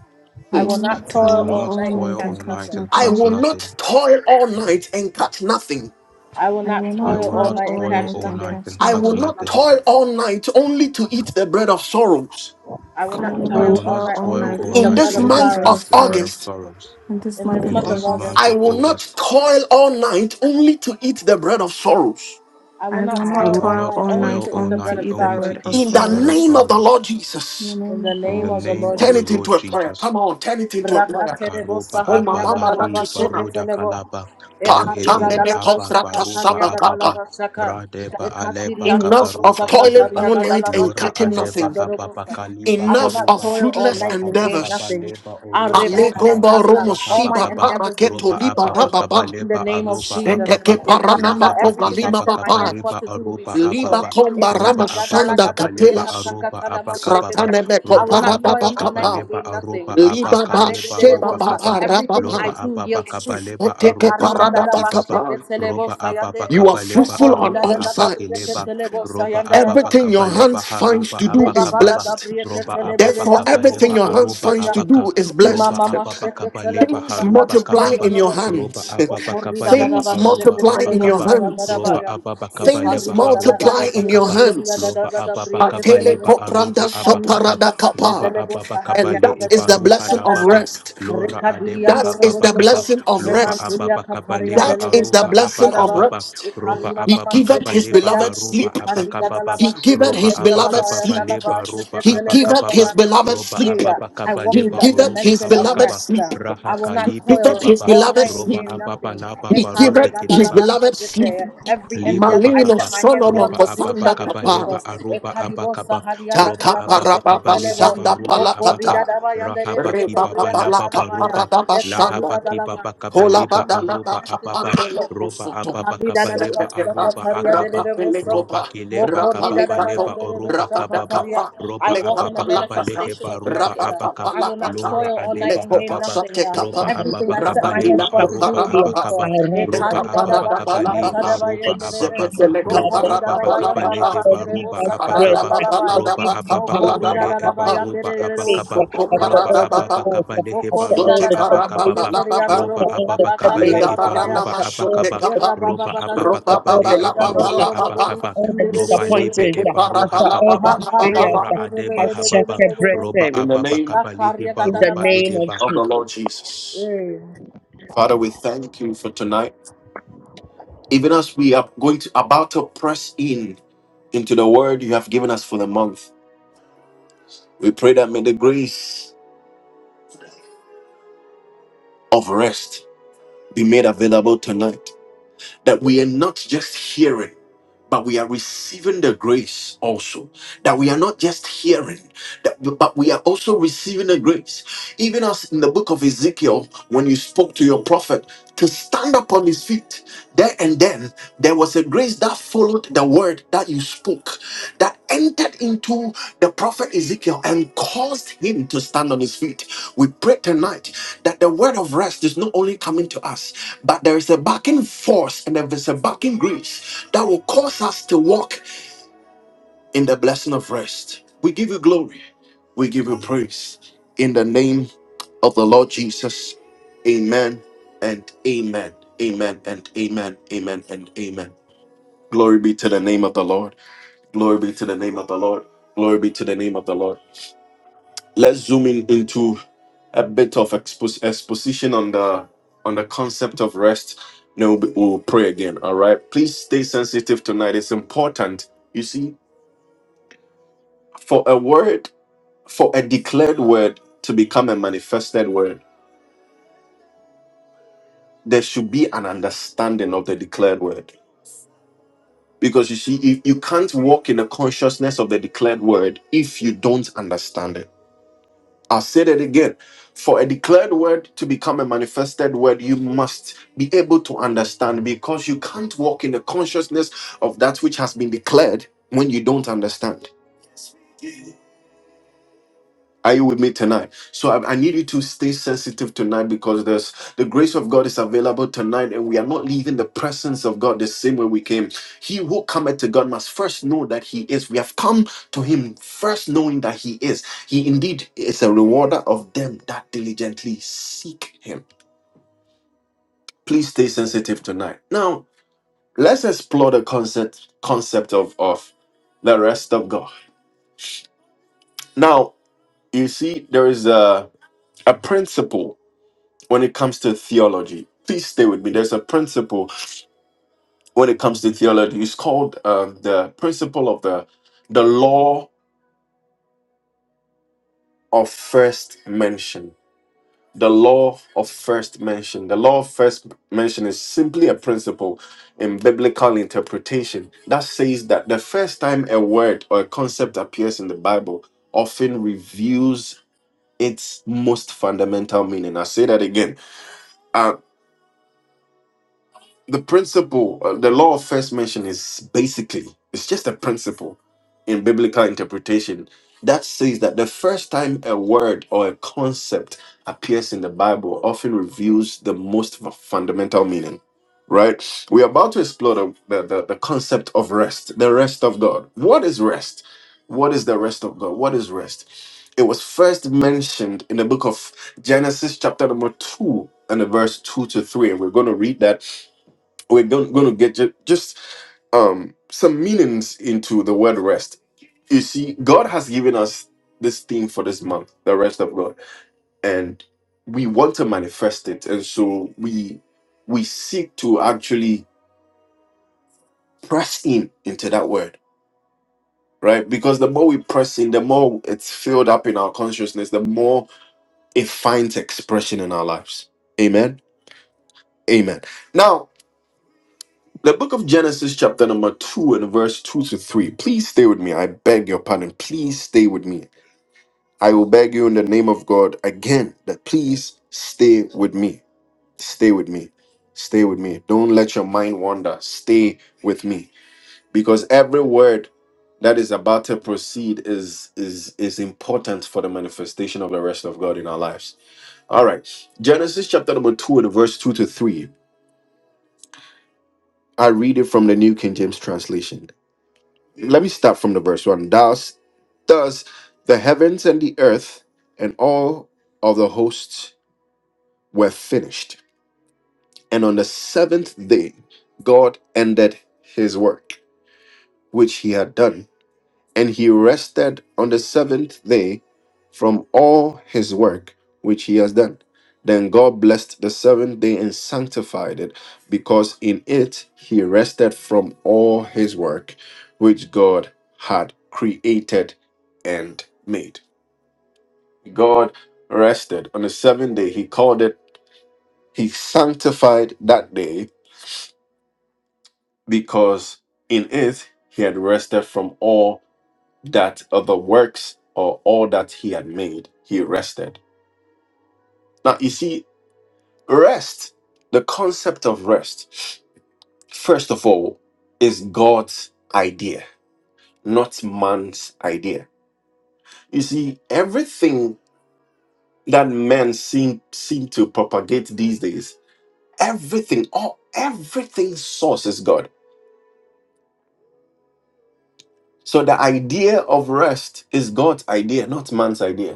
I
I
Hmm.
will
will not
not
I
toil
will
toil
all
not
all
night and
toil
night and
catch
all
catch
night
nothing.
and
I
cut
nothing.
will not
nothing.
toil all night and catch nothing.
I will
I
not
will
I
not
toil
will
all
not
not
toil
night and
all
toil
catch
night
all
and
night
nothing.
catch
and
mind
I
the
cut
will
nothing.
not
customer,
nothing.
toil all night only to eat the bread of sorrows.
I will
I
not
will
I
I
not
will
toil
will
all
not
not
toil
night
all
only
toil
to
night
all
eat the
In
only
night
to
bread
this
of
eat
only
the
tolerate
to
month
bread
sorrow.
eat
of
of
inability to
the
the
bread
word of
of
sorrows
August,
truth.
sorrows.
in this
In
month
this
In
of
In
month
this
of
this
month
August.
month
August,
of
I
of
will
August,
August,
not toil all night only to eat the bread of sorrows.
I will
I
not
will
I
I
not
toil
will
will
all
toil
not
not
night
all
only
toil
night
toil
to eat
all
the
only
all
bread
to
night
of
eat
night
the
only
only
to
sorrow.
bread
to
of
eat
eat
In
the
the
the
bread
bread
of
of
sorrows.
name of the
truth.
sorrows.
Lord
In
Jesus.
the
In
name
the
of the
In the
In the
name
Lord
of the
name
Lord
name
of
Jesus.
Turn
the
of
it
the
Jesus.
Lord
into a
Lord
prayer.
Jesus,
Jesus.
Come on, turn it into a prayer.
Rakaterebo
Karoba
Christ,
Oh,
in
my
the
saharia
Abba
mama,
August,
gadalaba
I
Lahi
will
Rakisuna.
not
Baroda
toil
sheketelebo.
all
Kalaba
night and all
Ekari
day to eat
Rohedela
gadalaba
the
Abba
bread
shaka
of
Baroba
saria
truth.
Ababa
gadalaba
I
shaka.
will
Radeba
establish
Ekatiri
Aleba
my portion.
Enough
andolobo
of
kabaruba
shaka
toiling
Kideba
saria
all night
gadalaba
and
Lora
catching
sheketeli
Adeba
nothing.
andolobo
Hababa
shaka.
Kaliba
I will
Enough
not
of
karuba
toil all
fruitless
night and
Rahaba
gain
endeavors.
nothing.
Kabaleba Oroba
Arebo
Kaba
Palegomba
sataria.
romo
All
Rahaba
my
siba
Kaba
para
endeavors will be
Roba
keto liba
Ababa
fruitful.
rababa.
In the
Kabaleba
name of
Aroba
Jesus.
Sende
Ababa
ke
Ikariga,
paranama
Lahaba
koga
Everything I
lima
Kibaba
set my hands
baba.
for
Kabaleba
to do will be
Aroba
Liba
fruitful.
Ababa
komba
Roba
rama
Ikariga
Ababa
sanda
dalagada
Kabaleba
briaka
katelas.
Aroba
sakatana
Abakababa
Fratane
mashekete. I
meko
roba
will not
ababa
toil
parababa
all
kaba
night
kapa.
and
leba
gain
aroba
nothing.
aba
Liba ba
Akarege
kaleba
sheba
roba
delebosa.
kaba
baba
Everything
loba
I
rababa.
do
ababa
yields
kaba
fruit.
leba
You
aroba
Ikarida
aba
dada
kibaba
bashekete
roba
lebosa
ababa
yande.
are
kaba leba
fruitful on
Mokorida
aroba
all
dada
aba
briaka
sides.
keleba
telebosa
roba
yanda.
ababa
Everything
kaba
your
leba
hands finds
haroba
to do
aba
Reba
is
baga
kababa
blessed.
gabriye
roba
kesele bebe
ababa
Therefore,
yando
kaba
robo
everything
leba
your hands
aroba
finds
sekiteriya.
to
abaka
do is
Rima
roba
blessed.
mama
ababa
şeke
kaba
sele
leba
bolsa
Things
haroba
kadri
multiply
yando
kababa
in
robo.
your
roba
hands.
O
ababa
korri
kaba
da da da
leba
ba
Things
aroba
şeke
multiply
sele
in your
bolsa
abakaba
yanda da
hands.
ba
roba
ya.
ababa
E
kaba
Things
leba
karri da da la
haroba
ga da da
multiply in
briye
your
abakaba
keseriya da
hands.
da
loba
da da
ababa
briye
kaba
kesele
Atele
bo.
leba
kopranda
aroba
E kanini
abakaba
usta
soparada
hadiya
roba
kapa.
dele
ababa
bolsa
And
hadiya
kabale
that
sele
is
eba
mo
the
ruha
blessing
la
of
sakatariya.
baba
rest.
Thank you,
lora
Reka
Jesus.
diri
adeba
yando
That is
robo
hababa
the
soko.
kaba
blessing
Amen.
of
loba
Reman
rest.
duriya
ababa
katari
kabale
Multiple
ba
That
yandele
grace
is the
beşa
aruba
blessing
abaka
increase.
of
kataraba.
baba
rest.
roba
Ekarima
He
Hallelujah.
mama
ababa
Thank you,
giveth his
kabale
Lord.
ba
sekreteria,
beloved
Worship you.
haruba
sleep.
abaka
ekariga
baba
dalaba
He giveth
roba
his
sekreteria
abaka
baba
beloved
baba
sleep.
yandala ba
leba roba
He
sekretele
abaka
giveth
bosa
his
yande.
beloved
roba
sleep.
Eya,
ababa
I
Thank you,
kabale
walk
He
in
ba
the
giveth
oruba
his
dimension of
habaka
beloved
rest.
sleep.
uh,
raha
I will
He
not
kalibe
giveth
toil
his
kebaba
all
beloved
night and
roba
sleep.
gain
ababa
nothing.
laba
He
barube
giveth
Ekarega
his
kedeba
beloved sleep.
Every
Liba
endeavor I
Malino
set
bakaba,
my hands
Solomon
forth
roba
to do
ababa
shall
Kosanda
be
kaba
Kapa.
leba
fruitful.
aroba
Ekadibosa
abakaba,
hariaga
roba
dalaba
ababa kaba
Takaparababa
sekretele bo.
leheba
Sanda
roba abaka,
Mokorida
Palakata.
daba yande
rahaba
rebege
Rebaba
kibaba
bria
Balaka
lababa
katalaba ya.
roba,
Paradaba
lahaba
Ekariga
Shanda.
kibaba kaba
I
Soto
believe
leba
in the
aroba
Jesus.
manifested word
ababa,
of God.
Hallelujah.
roba
God
ababa
bless
Harida
you.
kaba
da da
leba
basha
aroba
And I'm
kataria de de
akaba,
de
sorry
boso.
roba kileba
for the
Mokorida da
kababa
record
leba
bayande
that's
de
given
oroba
besha
me.
kababa,
kataria.
roba
I
God,
walk in the
ababa kaba
manifestation
leheba
of
roba
you
rest.
God.
uh.
abaka,
I will not
lora
toil all night
adeba
and gain
hababa,
nothing. uh.
roba
Everything
ababa
I set
kaba
my hands
leba
for to do
aroba
is
abakaba,
fruitful.
roba
Ekarida da
ababa
basha
kabali ba
katada
roba
And
bayande de de.
give
ababa
your
roba
beloved
Mokorida da
ababa
rest.
bayanda
kabale
Lord,
rabake
heba
de
give
roba
us
bosa
rest.
taria
abakaba
da la baya.
Lord,
roba
give me
ababa
rest
Mokorida
kabale
da da
eba
bayande
roba
de
for
de de
faith,
abakaba
boso koria
after
da
roba
da
parada
all
la
the
baya.
baba,
ababa
trials,
kabale heba
after
Mokorida
all
roba
sote
da
the
da basha
parada
abakababa
tribulations,
kateria
baba,
da
after
roba
all
robosa
the
ababa kabale
kataria
Kalega
turbulence,
ba ba
eba
baya.
barana
roba
after all
masote
the
abakaba
Father
kapa.
God,
roba
temptations,
ababa
after
Roba
all
kabale
baba
the
la
eba
tears,
baba
roba
la
after
abakaba
baba.
all the
roba
Sote
lebe
disappointments,
ke
eba
bara
roha
after
la
all the
kababa
baba la baba
betrayals,
ba.
lora
I
adeba
shall
hababa roba
breath
In the
ababa
name
kabale heba
in the
roba
name of
ideba
of the
Jesus.
Lord Jesus. Father, we thank you for tonight. Even as we are going to about to press in into the word you have given us for the month, we pray that may the grace of rest be made available tonight. that we are not just hearing, but we are receiving the grace also. That we are not just hearing, that, but we are also receiving the grace. Even as in the book of Ezekiel, when you spoke to your prophet to stand up on his feet, there and then there was a grace that followed the word that you spoke, that entered into the prophet Ezekiel and caused him to stand on his feet. We pray tonight that the word of rest is not only coming to us, but there is a backing force and there is a backing grace that will cause us to walk in the blessing of rest. We give you glory. We give you praise. In the name of the Lord Jesus. Amen and amen. Amen and amen. Amen and amen. Glory be to the name of the Lord. Glory be to the name of the Lord. Glory be to the name of the Lord. Let's zoom in into a bit of expos- exposition on the on the concept of rest. Then we'll, be- we'll pray again. All right. Please stay sensitive tonight. It's important. You see, for a word, for a declared word to become a manifested word, there should be an understanding of the declared word. Because you see, you, you can't walk in the consciousness of the declared word if you don't understand it. I'll say it again. For a declared word to become a manifested word, you must be able to understand because you can't walk in the consciousness of that which has been declared when you don't understand. Are you with me tonight? So I, I need you to stay sensitive tonight because there's the grace of God is available tonight, and we are not leaving the presence of God the same way we came. He who cometh to God must first know that He is. We have come to Him first knowing that He is. He indeed is a rewarder of them that diligently seek Him. Please stay sensitive tonight. Now let's explore the concept concept of of the rest of God. Now you see there is a a principle when it comes to theology. Please stay with me. There's a principle when it comes to theology. It's called uh, the principle of the the law of first mention. The law of first mention. The law of first mention is simply a principle in biblical interpretation that says that the first time a word or a concept appears in the Bible often reveals its most fundamental meaning. I say that again the principle, uh, the law of first mention is basically it's just a principle in biblical interpretation that says that the first time a word or a concept appears in the Bible often reveals the most fu- fundamental meaning. Right? We're about to explore the, the, the, the concept of rest, the rest of God. What is rest? What is the rest of God? What is rest? It was first mentioned in the book of Genesis, chapter number 2, and the verse 2 to 3. And we're going to read that we're going, going to get ju- just um, some meanings into the word rest. You see, God has given us this theme for this month, the rest of God, and we want to manifest it, and so we we seek to actually press in into that word, right? Because the more we press in, the more it's filled up in our consciousness, the more it finds expression in our lives. Amen. Amen. Now. The book of Genesis, chapter number 2, and verse 2 to 3. Please stay with me. I beg your pardon. Please stay with me. I will beg you in the name of God again that please stay with me. Stay with me. Stay with me. Don't let your mind wander. Stay with me. Because every word that is about to proceed is is is important for the manifestation of the rest of God in our lives. All right. Genesis chapter number 2 and verse 2 to 3. I read it from the New King James translation. let me start from the verse one. Thus, thus the heavens and the earth and all of the hosts were finished. And on the seventh day, God ended his work, which he had done and he rested on the seventh day from all his work which he has done. Then God blessed the seventh day and sanctified it, because in it he rested from all his work which God had created and made. God rested on the seventh day. He called it, he sanctified that day because in it he had rested from all that of the works or all that he had made, he rested. Now, you see, rest, the concept of rest, first of all, is God's idea, not man's idea. You see, everything that men seem seem to propagate these days, everything, all everything source is God. So the idea of rest is God's idea, not man's idea.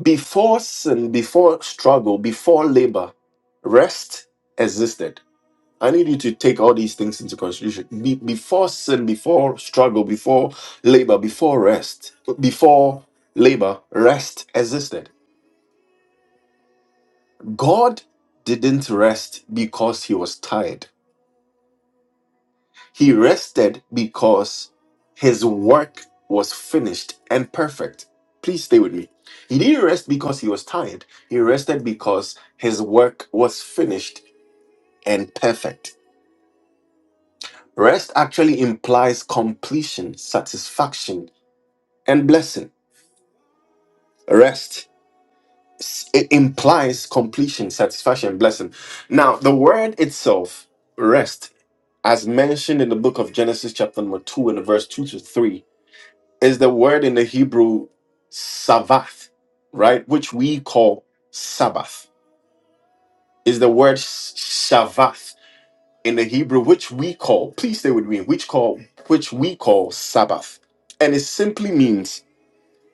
Before sin, before struggle, before labor, rest existed. I need you to take all these things into consideration. Be- before sin, before struggle, before labor, before rest, before labor, rest existed. God didn't rest because he was tired. He rested because his work was finished and perfect. Please stay with me. He didn't rest because he was tired. He rested because his work was finished and perfect. Rest actually implies completion, satisfaction, and blessing. Rest s- it implies completion, satisfaction, and blessing. Now, the word itself, rest, as mentioned in the book of Genesis, chapter number 2, and verse 2 to 3, is the word in the Hebrew Sabbath, right? Which we call Sabbath. Is the word sh- Shabbath in the Hebrew, which we call, please stay with me, which call which we call Sabbath. And it simply means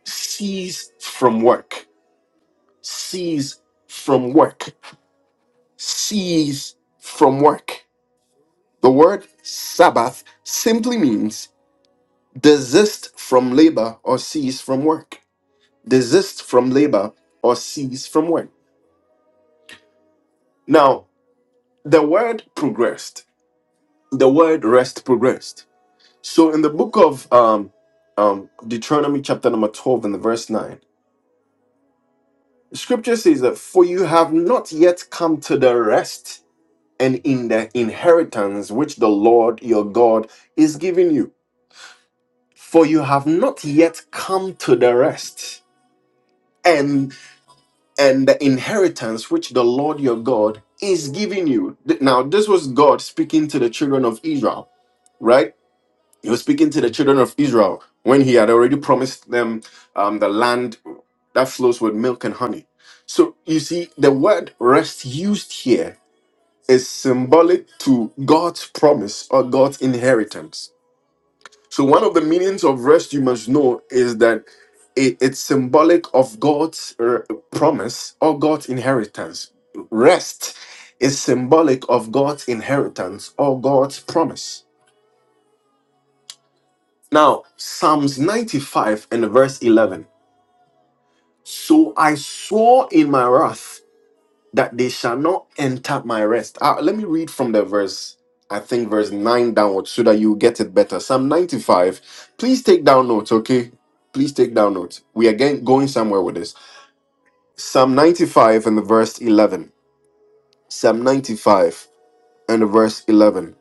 cease from work. Cease from work. Cease from work. The word Sabbath simply means desist from labor or cease from work. Desist from labor or cease from work Now, the word progressed. The word rest progressed. So, in the book of um, um, Deuteronomy, chapter number 12, and the verse 9, scripture says that, For you have not yet come to the rest and in the inheritance which the Lord your God is giving you. For you have not yet come to the rest and and the inheritance which the Lord your God is giving you. Th- Now, this was God speaking to the children of Israel right? He was speaking to the children of Israel when he had already promised them um, the land that flows with milk and honey. So you see, the word rest used here is symbolic to God's promise or God's inheritance. So one of the meanings of rest you must know is that it- it's symbolic of God's uh, promise or God's inheritance. Rest is symbolic of God's inheritance or God's promise. Now, Psalms 95 and verse 11. So I swore in my wrath that they shall not enter my rest. Uh, let me read from the verse, I think verse 9 downwards, so that you get it better. Psalm 95. Please take down notes, okay? Please take down notes. We are getting, going somewhere with this. Psalm 95 and the verse 11. Psalm 95 and the verse 11.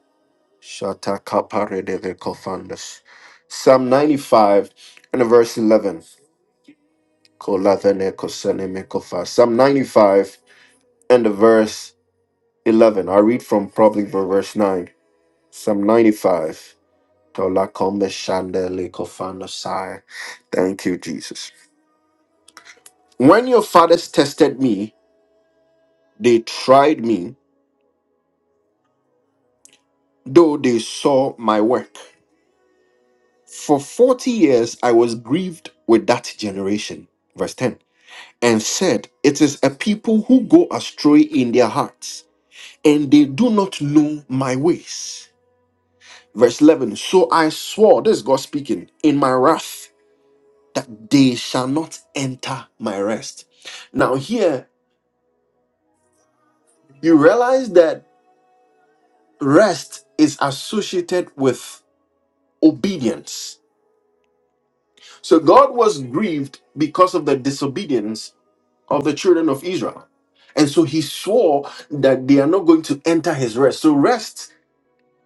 Shata kapare de ve kofandas. Psalm 95 and the verse 11. Kolavene kosene mekofa. Psalm 95 and the verse 11. I read from probably the verse 9. Psalm 95. Tola kombe shande lekofano sai. Thank you, Jesus. When your fathers tested me, they tried me, though they saw my work. For 40 years I was grieved with that generation. Verse 10. And said, It is a people who go astray in their hearts, and they do not know my ways. Verse 11 So I swore, this is God speaking, in my wrath that they shall not enter my rest. Now, here you realize that rest is associated with obedience. So God was grieved because of the disobedience of the children of Israel. And so he swore that they are not going to enter his rest. So rest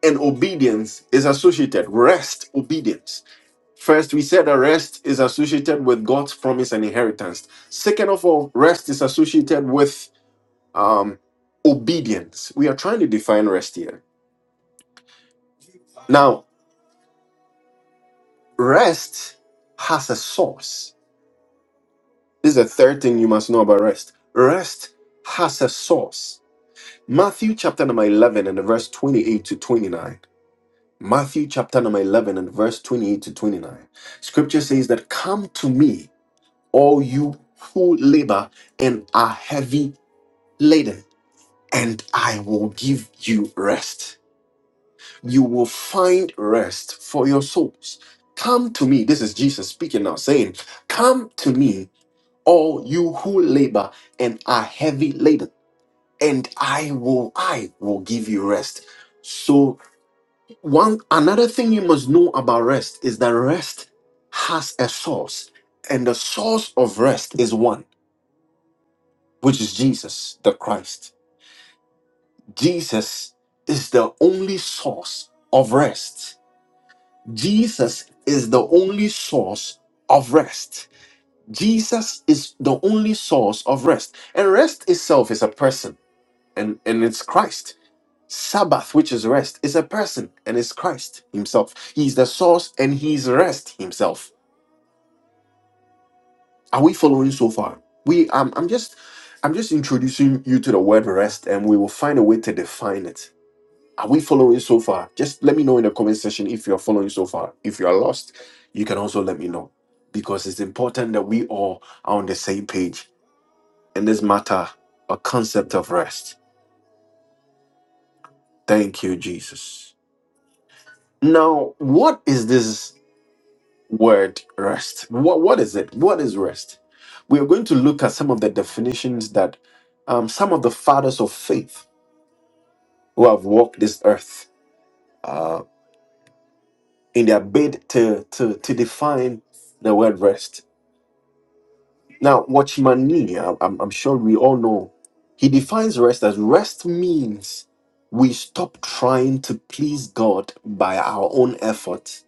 and obedience is associated. Rest, obedience. First, we said that rest is associated with God's promise and inheritance. Second of all, rest is associated with um, obedience. We are trying to define rest here. Now, rest has a source. This is the third thing you must know about rest. Rest has a source. Matthew chapter number 11 and the verse 28 to 29. Matthew chapter number 11 and verse 28 to 29. Scripture says that, Come to me, all you who labor and are heavy laden, and I will give you rest. You will find rest for your souls. Come to me. This is Jesus speaking now, saying, Come to me, all you who labor and are heavy laden, and I will, I will give you rest. So one another thing you must know about rest is that rest has a source, and the source of rest is one, which is Jesus the Christ. Jesus is the only source of rest. Jesus is the only source of rest. Jesus is the only source of rest. And rest itself is a person, and, and it's Christ. Sabbath, which is rest, is a person, and it's Christ Himself. He's the source and He's rest Himself. Are we following so far? We um, I'm just I'm just introducing you to the word rest, and we will find a way to define it Are we following so far? Just let me know in the comment section if you're following so far. If you are lost, you can also let me know because it's important that we all are on the same page in this matter, a concept of rest. Thank you, Jesus. Now, what is this word rest? What, what is it? What is rest? We are going to look at some of the definitions that um, some of the fathers of faith who have walked this earth uh, in their bid to, to, to define the word rest Now, Watchmani, I- I'm, I'm sure we all know, he defines rest as rest means we stop trying to please God by our own effort.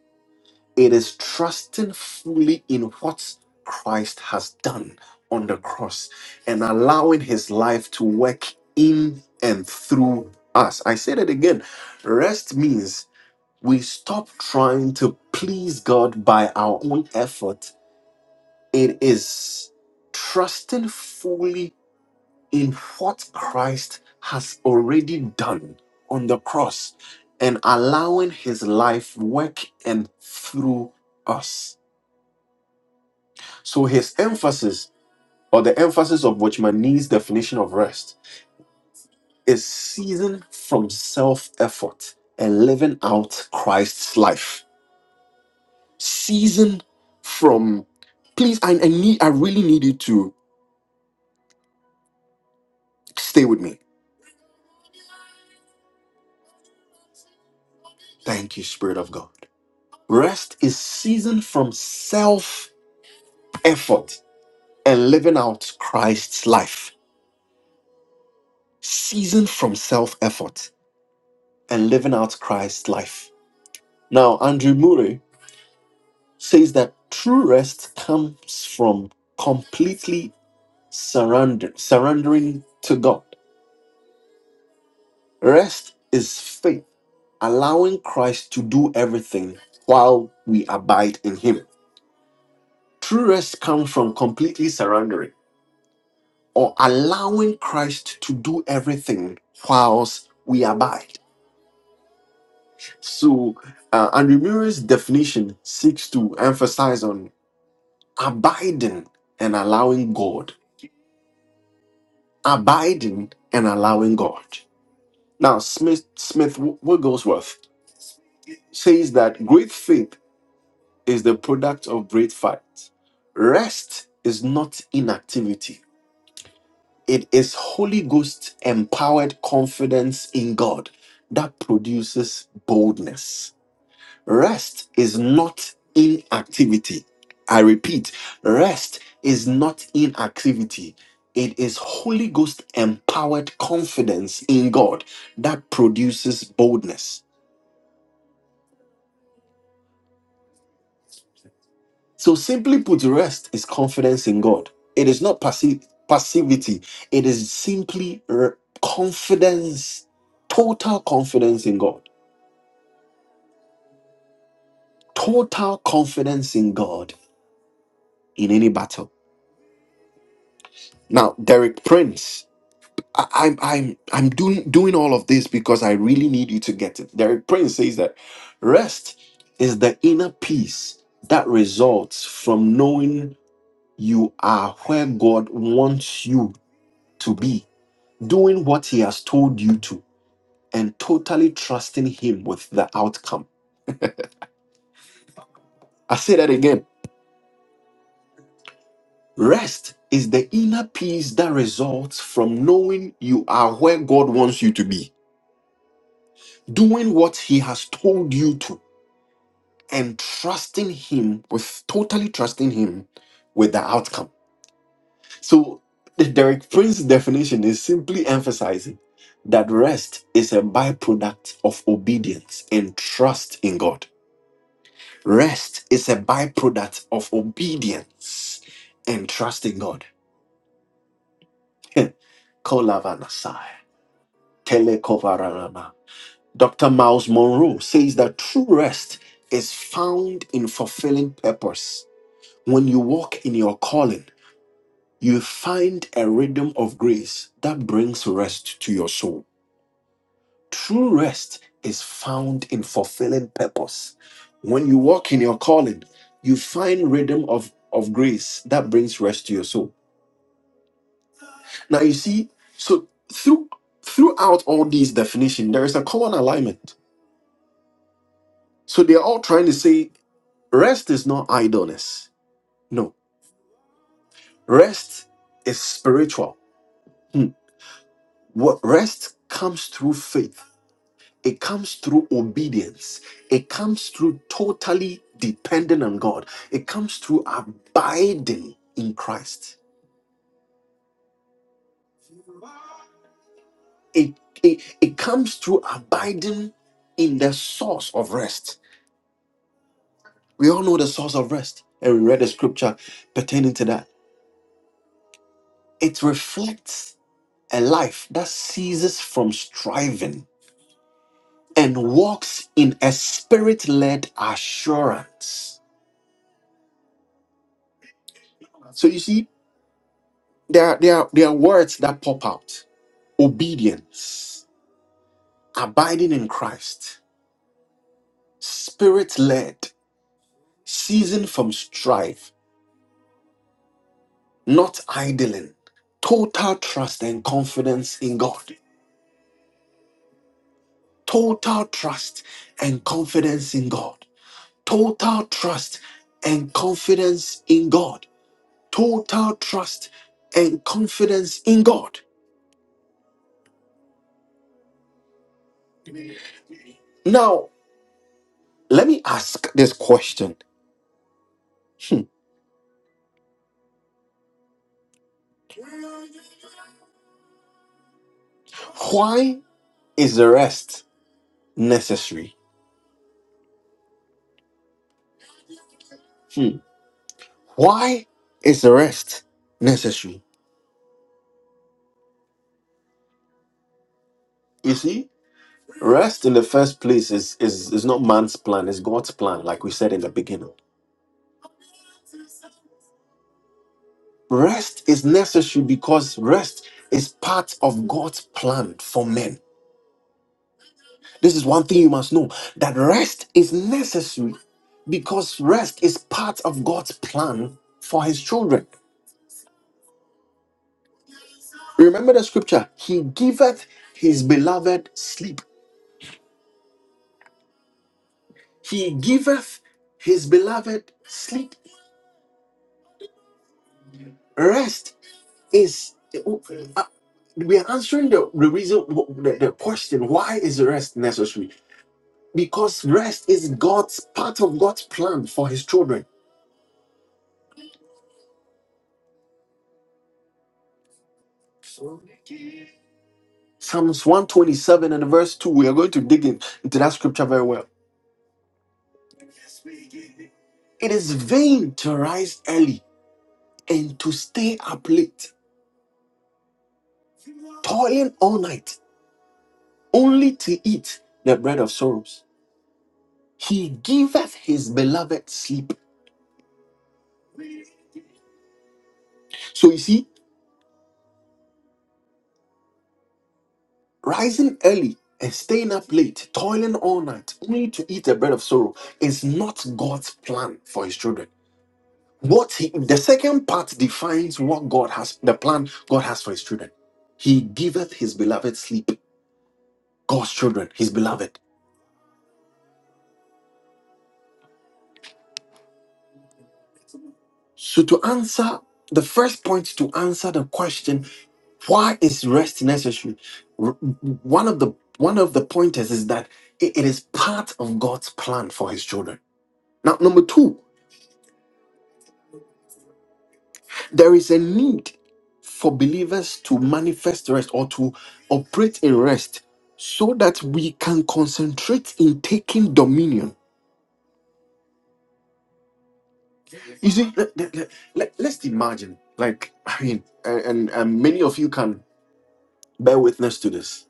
It is trusting fully in what Christ has done on the cross and allowing his life to work in and through us. I say that again. Rest means we stop trying to please God by our own effort it is trusting fully in what Christ has already done on the cross and allowing his life work and through us. So his emphasis or the emphasis of Watchman Nee's definition of rest is ceasing from self-effort and living out Christ's life. Ceasing from please I, I need I really need you to stay with me. Thank you, Spirit of God Rest is seasoned from self effort and living out Christ's life. Seasoned from self effort and living out Christ's life. Now, Andrew Murray says that true rest comes from completely surrender, surrendering to God. Rest is faith, allowing Christ to do everything while we abide in Him. True rest comes from completely surrendering. or allowing Christ to do everything whilst we abide. So, uh, Andrew Murray's definition seeks to emphasize on abiding and allowing God, abiding and allowing God. Now, Smith Smith Wigglesworth says that great faith is the product of great fight. Rest is not inactivity. It is Holy Ghost empowered confidence in God that produces boldness. Rest is not inactivity. I repeat, rest is not inactivity. It is Holy Ghost empowered confidence in God that produces boldness. So, simply put, rest is confidence in God. It is not passi- passivity, it is simply r- confidence, total confidence in God. Total confidence in God in any battle. Now, Derek Prince, I, I'm I'm I'm doing doing all of this because I really need you to get it. Derek Prince says that rest is the inner peace that results from knowing you are where God wants you to be, doing what He has told you to, and totally trusting Him with the outcome. I say that again Rest is the inner peace that results from knowing you are where God wants you to be, doing what He has told you to, and trusting Him with totally trusting Him with the outcome. So, the Derek Prince definition is simply emphasizing that rest is a byproduct of obedience and trust in God. Rest is a byproduct of obedience and trust in God. Kolavana Sai. Telekovarama. Dr. Miles Monroe says that true rest is found in fulfilling purpose. When you walk in your calling, you find a rhythm of grace that brings rest to your soul. True rest is found in fulfilling purpose. When you walk in your calling, you find rhythm of, of grace that brings rest to your soul. Now you see, so through throughout all these definitions, there is a common alignment So they're all trying to say rest is not idleness. No, rest is spiritual. Hmm. What rest comes through faith. It comes through obedience. It comes through totally depending on God. It comes through abiding in Christ. It, it, it comes through abiding in the source of rest. We all know the source of rest, and we read the scripture pertaining to that. It reflects a life that ceases from striving and walks in a spirit-led assurance. So you see, there are, there are, there are words that pop out: obedience, abiding in Christ, spirit-led, ceasing from strife, not idling, total trust and confidence in God, total trust and confidence in God, total trust and confidence in God total trust and confidence in God. Now, let me ask this question Hmm. Why is the rest necessary? Hmm. Why is the rest necessary? You see, rest in the first place is, is, is not man's plan, it's God's plan, like we said in the beginning. Rest is necessary because rest is part of God's plan for men. This is one thing you must know that rest is necessary because rest is part of God's plan for his children. Remember the scripture He giveth his beloved sleep. He giveth his beloved sleep. Rest is. uh, we are answering the, the reason, the, the question why is rest necessary? Because rest is God's part of God's plan for his children. Psalms 127 and verse 2. We are going to dig in, into that scripture very well. It is vain to rise early and to stay up late, toiling all night, only to eat the bread of sorrows. He giveth his beloved sleep. So you see, rising early and staying up late, toiling all night, only to eat the bread of sorrow is not God's plan for his children. What he, the second part defines what God has, the plan God has for his children. He giveth his beloved sleep. God's children, his beloved. So, to answer the first point, to answer the question, why is rest necessary? R- One of the one of the pointers is that i- it is part of God's plan for His children. Now, number two, there is a need for believers to manifest rest or to operate in rest, so that we can concentrate in taking dominion. You see, let, let, let, let- let's imagine, like I mean, and, and and many of you can bear witness to this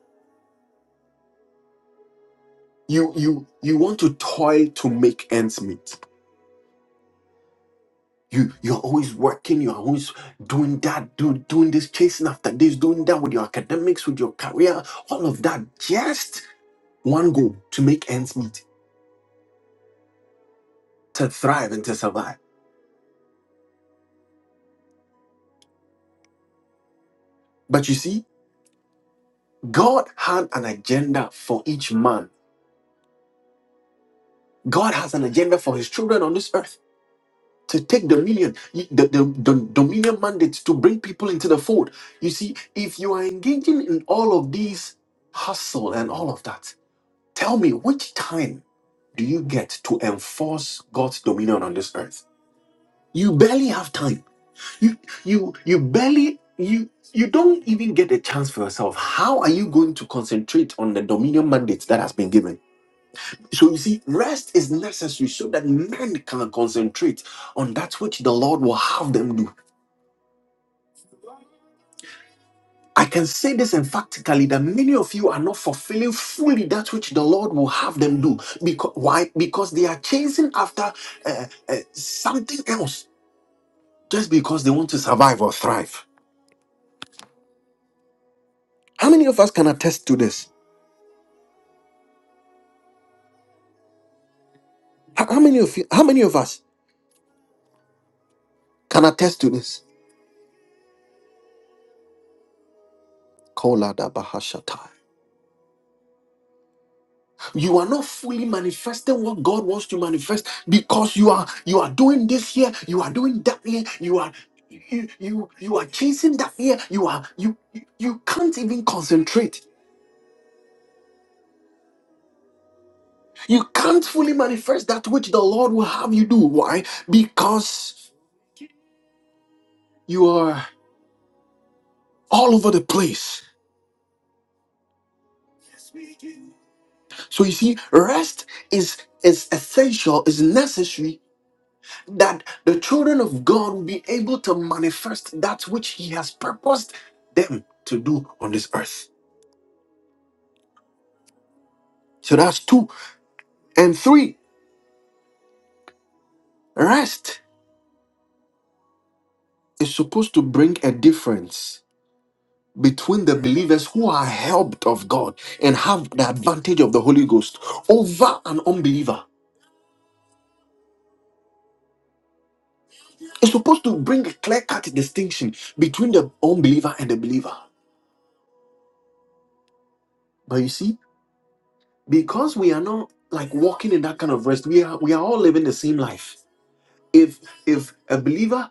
you you you want to toil to make ends meet you you're always working you're always doing that do, doing this chasing after this doing that with your academics with your career all of that just one goal to make ends meet to thrive and to survive but you see god had an agenda for each man god has an agenda for his children on this earth to take dominion, you- the, the, the dominion mandate to bring people into the fold. You see, if you are engaging in all of these hustle and all of that, tell me which time do you get to enforce God's dominion on this earth? You barely have time. You you you barely you you don't even get a chance for yourself. How are you going to concentrate on the dominion mandate that has been given? So you see, rest is necessary so that men can concentrate on that which the Lord will have them do. I can say this emphatically that many of you are not fulfilling fully that which the Lord will have them do. Because why? Because they are chasing after uh, uh, something else just because they want to survive or thrive. How many of us can attest to this? How, how many of you? How many of us can attest to this? Kola da bahashata. you are not fully manifesting what god wants to manifest because you are you are doing this here you are doing that here you are you you, you are chasing that here you are you you can't even concentrate you can't fully manifest that which the lord will have you do why because you are all over the place so you see rest is is essential is necessary that the children of God will be able to manifest that which He has purposed them to do on this earth. So that's two. And three, rest is supposed to bring a difference between the believers who are helped of God and have the advantage of the Holy Ghost over an unbeliever. It's supposed to bring a clear cut distinction between the unbeliever and the believer. But you see, because we are not like walking in that kind of rest, we are we are all living the same life if if a believer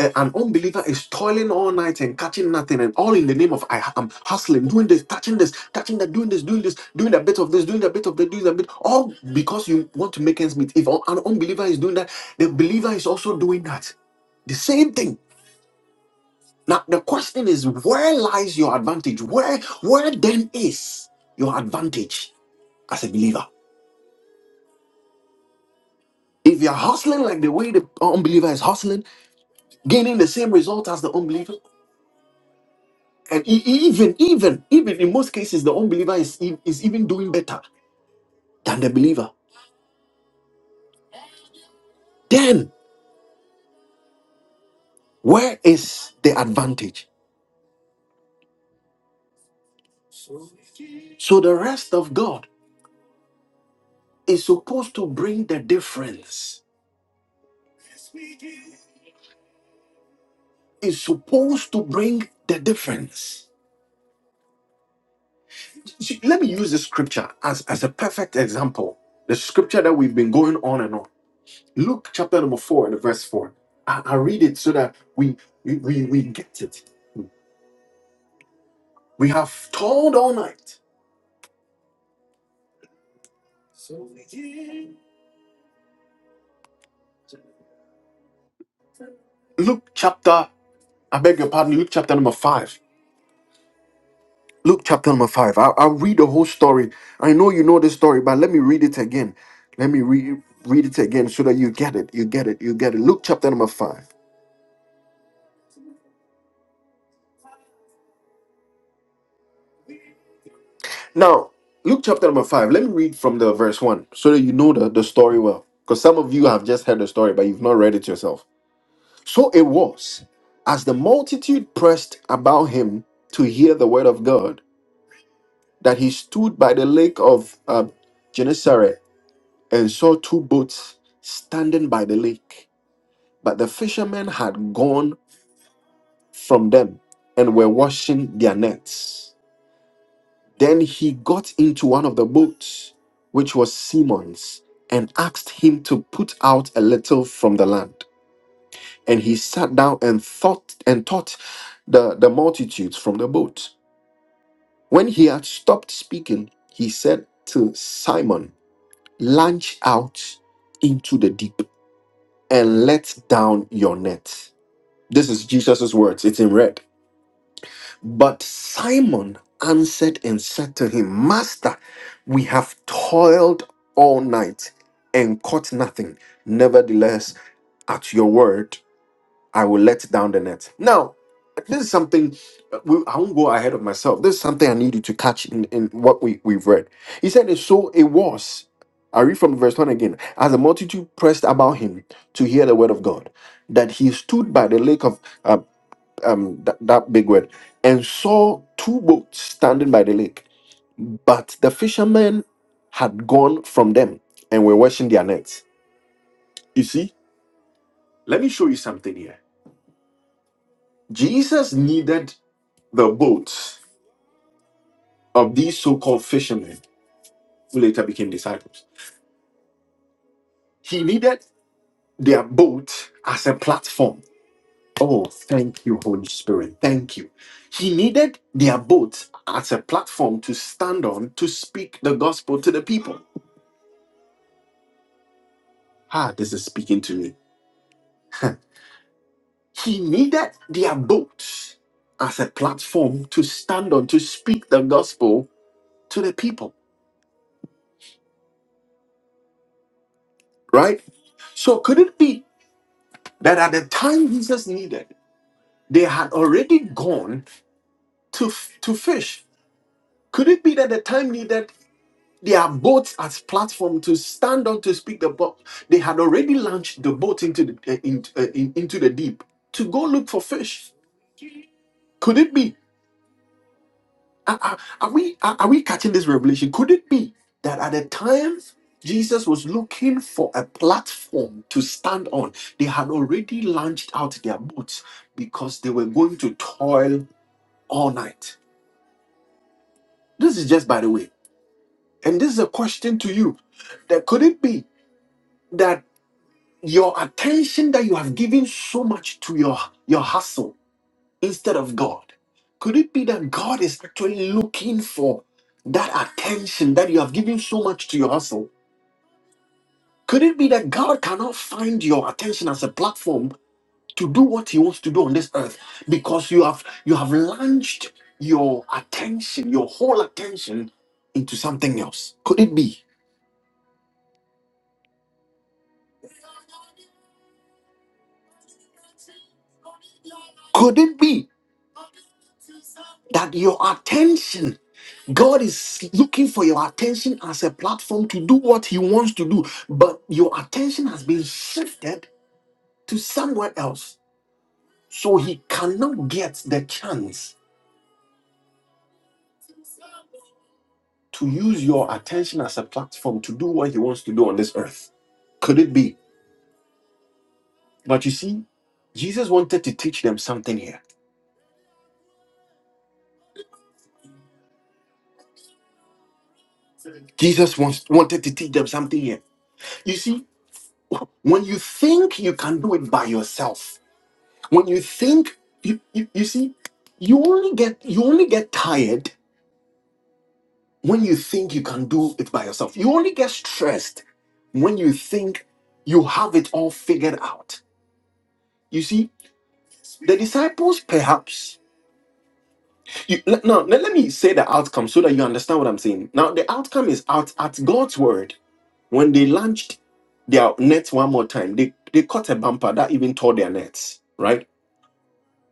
a- an unbeliever is toiling all night and catching nothing and all in the name of i am hustling doing this touching this touching that doing this doing this doing a bit of this doing a bit of that doing a bit all because you want to make ends meet if an unbeliever is doing that the believer is also doing that the same thing now the question is where lies your advantage where where then is your advantage as a believer if you're hustling like the way the unbeliever is hustling gaining the same result as the unbeliever And e- e- even, even, even in most cases, the unbeliever is, e- is even doing better than the believer. Then, where is the advantage? So, the rest of God is supposed to bring the difference. Is supposed to bring the difference. See, let me use the scripture as, as a perfect example. The scripture that we've been going on and on. Luke chapter number 4 and verse 4. I, I read it so that we, we, we, we get it. We have toiled all night. Luke chapter I beg your pardon, Luke chapter number five. Luke chapter number five. I'll, I'll read the whole story. I know you know the story, but let me read it again. Let me re- read it again so that you get it. You get it. You get it. Luke chapter number five. Now, Luke chapter number five, let me read from the verse one so that you know the, the story well. Because some of you have just heard the story, but you've not read it yourself. So it was, as the multitude pressed about him to hear the word of God, that he stood by the lake of uh, Gennesaret and saw two boats standing by the lake. But the fishermen had gone from them and were washing their nets. Then he got into one of the boats, which was Simon's, and asked him to put out a little from the land. And he sat down and thought and taught the, the multitudes from the boat. When he had stopped speaking, he said to Simon, Launch out into the deep and let down your net This is Jesus' words. It's in red. But Simon answered and said to him, Master, we have toiled all night and caught nothing. Nevertheless, at your word, I will let down the net. Now, this is something uh, we- I won't go ahead of myself. This is something I need you to catch in, in what we, we've read. He said, and So it was. I read from verse 1 again. As the multitude pressed about him to hear the word of God, that he stood by the lake of uh, um that, that big word and saw two boats standing by the lake but the fishermen had gone from them and were washing their nets you see let me show you something here jesus needed the boats of these so-called fishermen who later became disciples he needed their boat as a platform oh thank you holy spirit thank you he needed their boat as a platform to stand on to speak the gospel to the people Ah, this is speaking to me. he needed their boat as a platform to stand on to speak the gospel to the people, right? So could it be that at the time Jesus needed, they had already gone to f- to fish? Could it be that the time needed their boats as platform to stand on to speak the boat? They had already launched the boat into the uh, in- uh, in- into the deep to go look for fish. Could it be Are, are- are we are, are we catching this revelation? Could it be that at the time Jesus was looking for a platform to stand on, they had already launched out their boats because they were going to toil all night? This is just by the way, and this is a question to you: that could it be that your attention that you have given so much to your your hustle instead of God? Could it be that God is actually looking for that attention that you have given so much to your hustle? Could it be that God cannot find your attention as a platform to do what he wants to do on this earth because you have you have launched your attention, your whole attention into something else? Could it be? Could it be that your attention God is looking for your attention as a platform to do what He wants to do, but your attention has been shifted to somewhere else. So He cannot get the chance to use your attention as a platform to do what He wants to do on this earth. Could it be? But you see, Jesus wanted to teach them something here. Jesus wants, wanted to teach them something here. You see, when you think you can do it by yourself, when you think you, you, you see you only get you only get tired when you think you can do it by yourself you only get stressed when you think you have it all figured out you see the disciples perhaps you, le- no le- let me say the outcome so that you understand what i'm saying now the outcome is out at god's word when they launched their nets one more time they they caught a bumper that even tore their nets right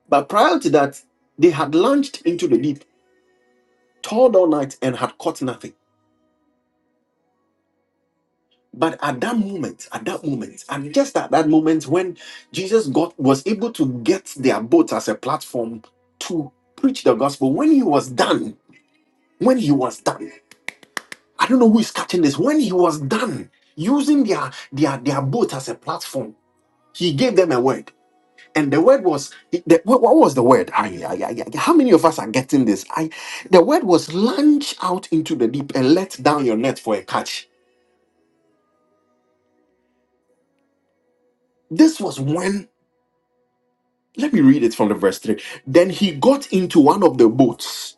but prior to that they had launched into the deep toiled all night and had caught nothing. But at that moment, at that moment, and just at that moment when Jesus got was able to get their boat as a platform to preach the gospel, when he was done, when he was done, I don't know who is catching this. When he was done using their their their boat as a platform, he gave them a word. And the word was the, what what was the word? Ay, ay, ay, ay. How many of us are getting this? I the word was launch out into the deep and let down your net for a catch This was when, let me read it from the verse 3. Then he got into one of the boats,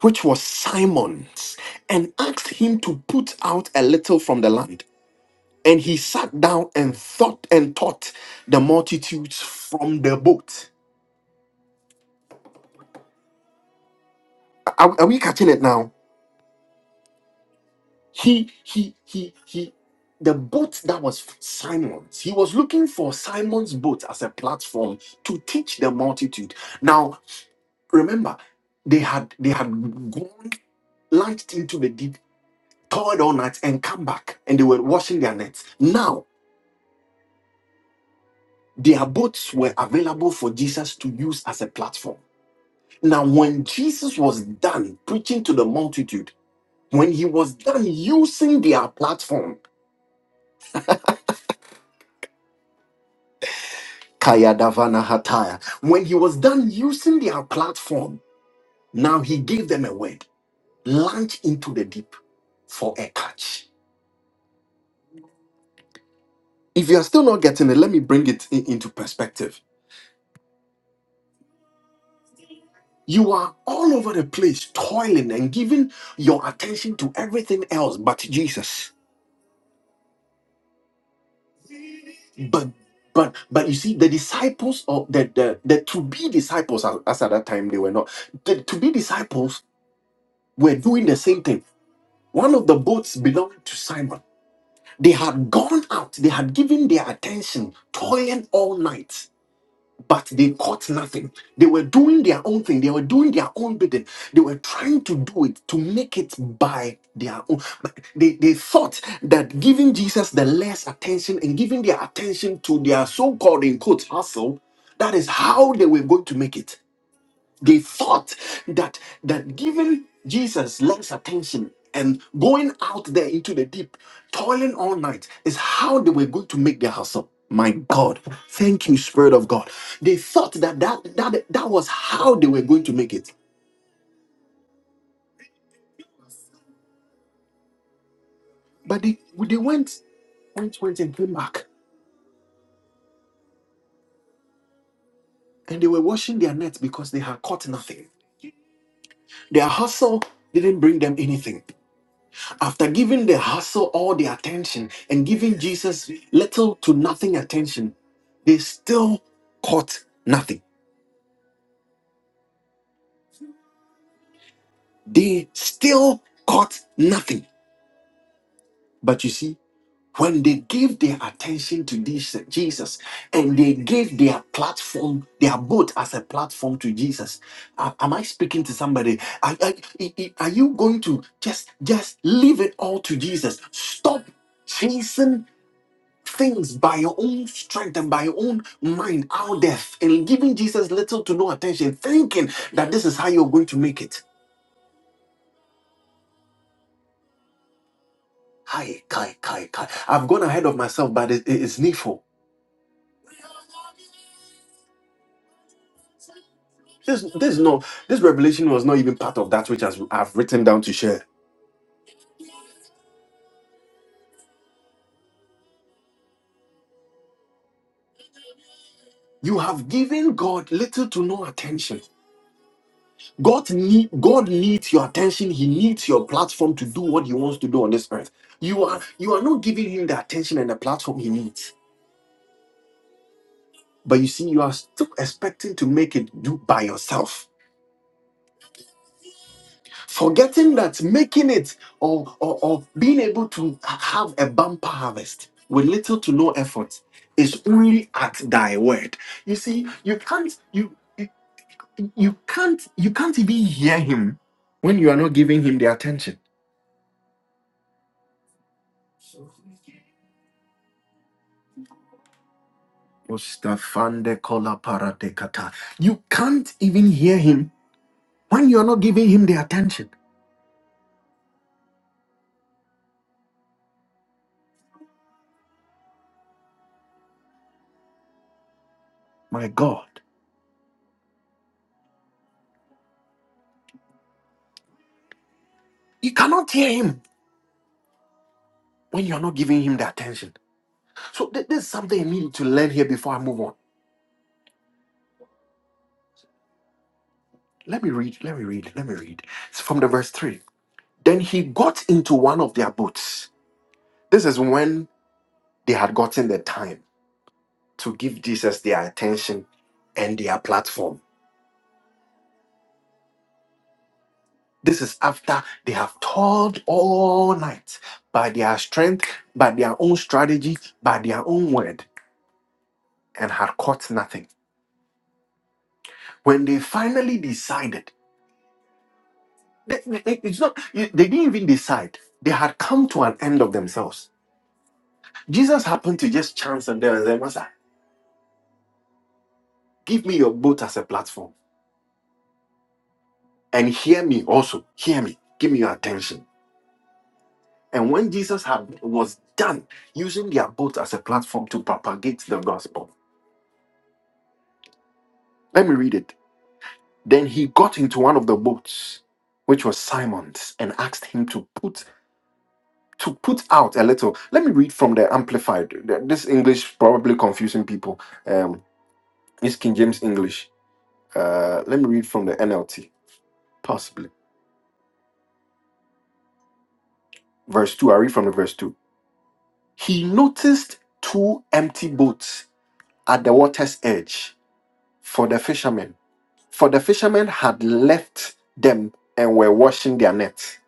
which was Simon's, and asked him to put out a little from the land. And he sat down and thought and taught the multitudes from the boat. Are, are we catching it now? He, he, he, he, the boat that was Simon's, he was looking for Simon's boat as a platform to teach the multitude. Now, Remember, they had they had gone launched into the deep, toiled all night, and come back, and they were washing their nets. Now, their boats were available for Jesus to use as a platform. Now, when Jesus was done preaching to the multitude, when he was done using their platform, Kaya Davana Hataya, when he was done using their platform, now he gave them a word launch into the deep for a catch. If you are still not getting it, let me bring it in- into perspective. You are all over the place, toiling and giving your attention to everything else but Jesus. But but but you see, the disciples or the the, the to be disciples as, as at that time they were not. The to be disciples were doing the same thing. One of the boats belonged to Simon. They had gone out, they had given their attention, toiling all night but they caught nothing. They were doing their own thing. They were doing their own bidding. They were trying to do it to make it by their own. But They, they thought that giving Jesus the less attention and giving their attention to their so-called in quotes hustle, that is how they were going to make it they thought that that giving Jesus less attention and going out there into the deep, toiling all night, is how they were going to make their hustle. My God, thank you, Spirit of God. They thought that that that, that was how they were going to make it, but they they went went went and came back, and they were washing their nets because they had caught nothing. Their hustle didn't bring them anything After giving the hustle all the attention and giving Jesus little to nothing attention, they still caught nothing. They still caught nothing. But you see, when they gave their attention to this Jesus and they gave their platform, their boat as a platform to Jesus, a- am I speaking to somebody? Are, are i- i- are you going to just just leave it all to Jesus? Stop chasing things by your own strength and by your own mind out there and giving Jesus little to no attention, thinking that this is how you're going to make it. Hi, Kai, Kai, Kai. I've gone ahead of myself, but it, it- it's needful. This, this, no, this revelation was not even part of that which has, I've written down to share. You have given God little to no attention. God, need, God needs your attention. He needs your platform to do what He wants to do on this earth. You are, you are not giving Him the attention and the platform He needs. But you see, you are still expecting to make it do by yourself. Forgetting that making it or, or, or being able to have a bumper harvest with little to no effort is only at thy word. You see, you can't you you you can't you can't even hear him when you are not giving him the attention. Ostafande kola paradekata. You can't even hear him when you are not giving him the attention. My God. You cannot hear him. when you're not giving him the attention. So th- there's something you need to learn here before I move on. Let me read, let me read, let me read. It's from the verse 3. Then he got into one of their boats. This is when they had gotten the time to give Jesus their attention and their platform. This is after they have toiled all night by their strength, by their own strategy, by their own word, and had caught nothing. When they finally decided, They- they- It's not, you- they didn't even decide. They had come to an end of themselves. Jesus happened to just chance and there and say, Master, give me your boat as a platform and hear me also. Hear me. Give me your attention. And when Jesus had, was done using their boat as a platform to propagate the gospel, let me read it. Then he got into one of the boats, which was Simon's, and asked him to put to put out a little. Let me read from the Amplified. This English probably confusing people Um, This King James English. Uh, let me read from the NLT, possibly. Verse 2. I read from the verse 2. He noticed two empty boats at the water's edge for the fishermen. For the fishermen had left them and were washing their nets.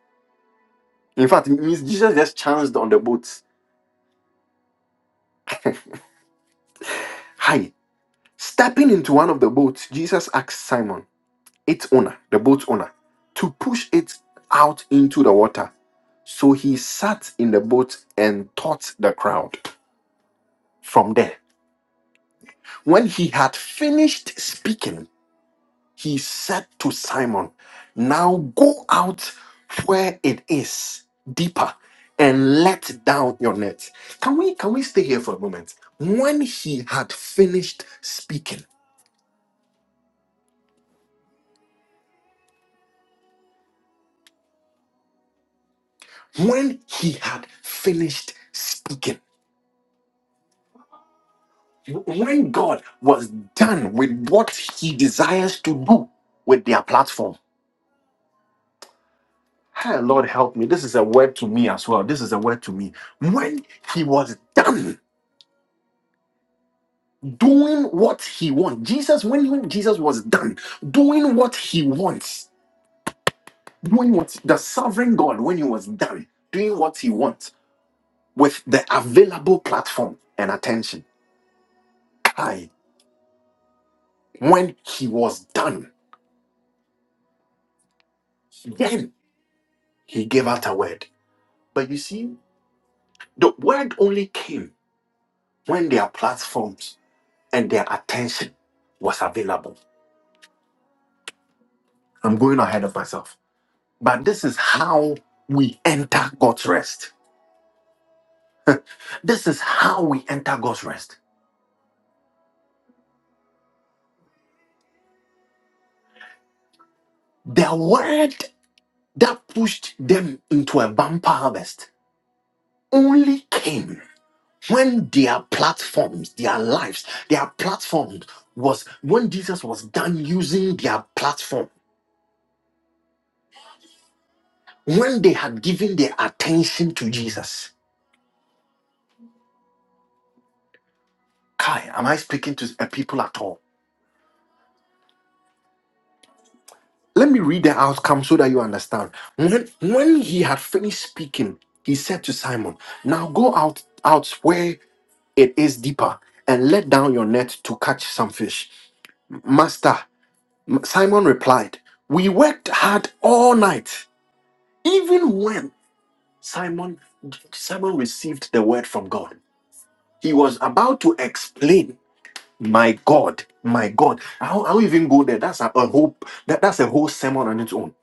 In fact, it means Jesus just chanced on the boats. Hi. Stepping into one of the boats, Jesus asked Simon. its owner, the boat's owner, to push it out into the water. So he sat in the boat and taught the crowd from there. When he had finished speaking, he said to Simon, Now go out where it is deeper and let down your net. Can we can we stay here for a moment? When he had finished speaking, when he had finished speaking When God was done with what he desires to do with their platform, hey, Lord help me. This is a word to me as well. This is a word to me. When he was done doing what he wants, Jesus, when, when Jesus was done doing what he wants, doing what the sovereign God, when he was done doing what he wants with the available platform and attention, I. when he was done, then he gave out a word. But you see, The word only came when their platforms and their attention was available. I'm going ahead of myself. But this is how we enter God's rest. This is how we enter God's rest. The word that pushed them into a bumper harvest only came when their platforms, their lives, their platform was when Jesus was done using their platform, when they had given their attention to Jesus. Kai, am I speaking to a people at all? Let me read the outcome so that you understand. When when he had finished speaking, he said to Simon, Now go out out where it is deeper and let down your net to catch some fish. Master, M- Simon replied, We worked hard all night. Even when Simon Simon received the word from God, he was about to explain My God, my God. I don't, I don't even go there. That's a, a whole that, that's a whole sermon on its own.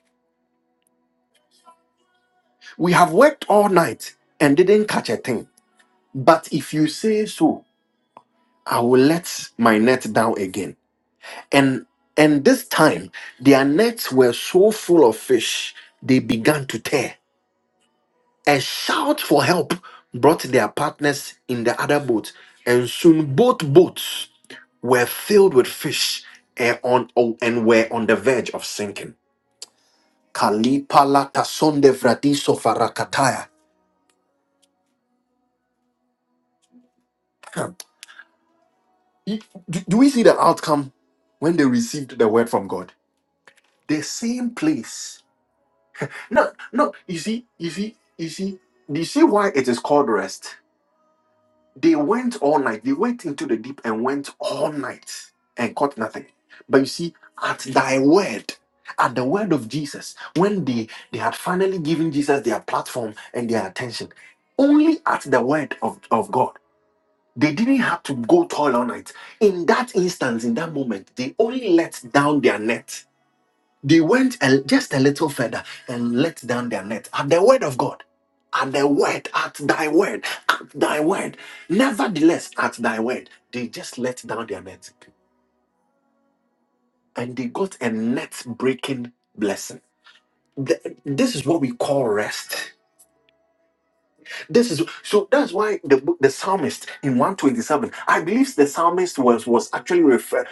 We have worked all night and didn't catch a thing. But if you say so, I will let my net down again. And and this time their nets were so full of fish, they began to tear. A shout for help brought their partners in the other boat, and soon both boats were filled with fish and, on, and were on the verge of sinking. Kalipa latasonde vradiso farakataya. Hmm. Do, do we see the outcome when they received the word from God? The same place. No, no, you see, you see, you see, do you see why it is called rest? They went all night, they went into the deep and went all night and caught nothing. But you see, at thy word, at the word of Jesus, when they, they had finally given Jesus their platform and their attention, only at the word of, of God. They didn't have to go toil on it. In that instance, in that moment, they only let down their net. They went a- just a little further and let down their net at the word of God. At the word, at thy word, at thy word. Nevertheless, at thy word, they just let down their net and they got a net breaking blessing. Th- This is what we call rest. This is so that's why the book- the psalmist in 127, I believe the psalmist was was actually referred.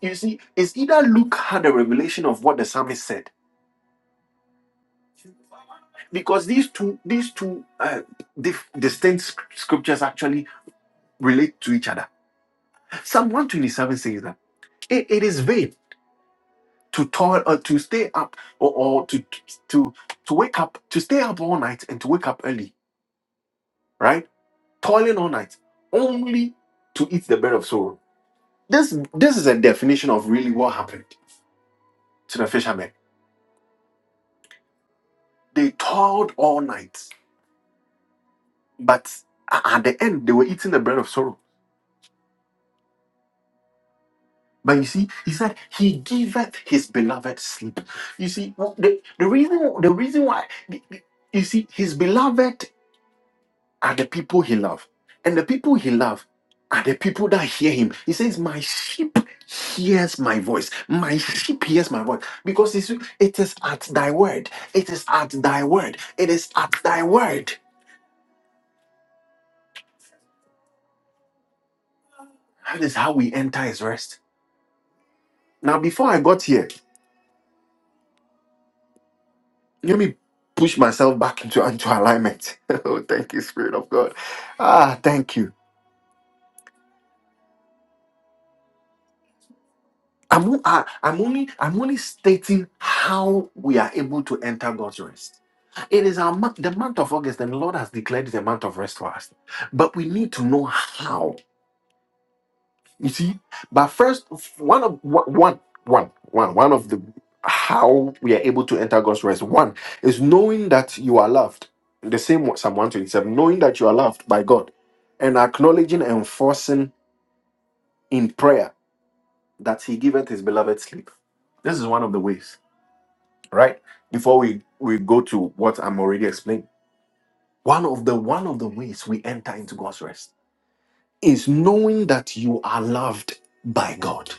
You see, it's either Luke had a revelation of what the psalmist said, because these two these two uh, dif- distinct sc- scriptures actually relate to each other. Psalm 127 says that it it is vain to toil or to stay up or, or to to to wake up to stay up all night and to wake up early, right? Toiling all night only to eat the bread of sorrow This this is a definition of really what happened to the fishermen. They toiled all night, but a- at the end they were eating the bread of sorrow. But you see, he said he giveth his beloved sleep. You see, w- the, the reason the reason why the- the- you see his beloved are the people he loves, And the people he loves are the people that hear him. He says, My sheep hears my voice. My sheep hears my voice. Because it's, it is at thy word. It is at thy word. It is at thy word. That is how we enter his rest. Now, before I got here, let me push myself back into, into alignment. oh, thank you, Spirit of God. Ah, thank you I'm, o- I- I'm only I'm only stating how we are able to enter God's rest. It is our month, the month of August, and the Lord has declared it a month of rest for us. But we need to know how. You see, but first, one of one one one one one of the how we are able to enter God's rest. One is knowing that you are loved. The same what Psalm 127, knowing that you are loved by God, and acknowledging and enforcing in prayer that He giveth His beloved sleep. This is one of the ways. right before we we go to what i'm already explaining one of the one of the ways we enter into god's rest is knowing that you are loved by god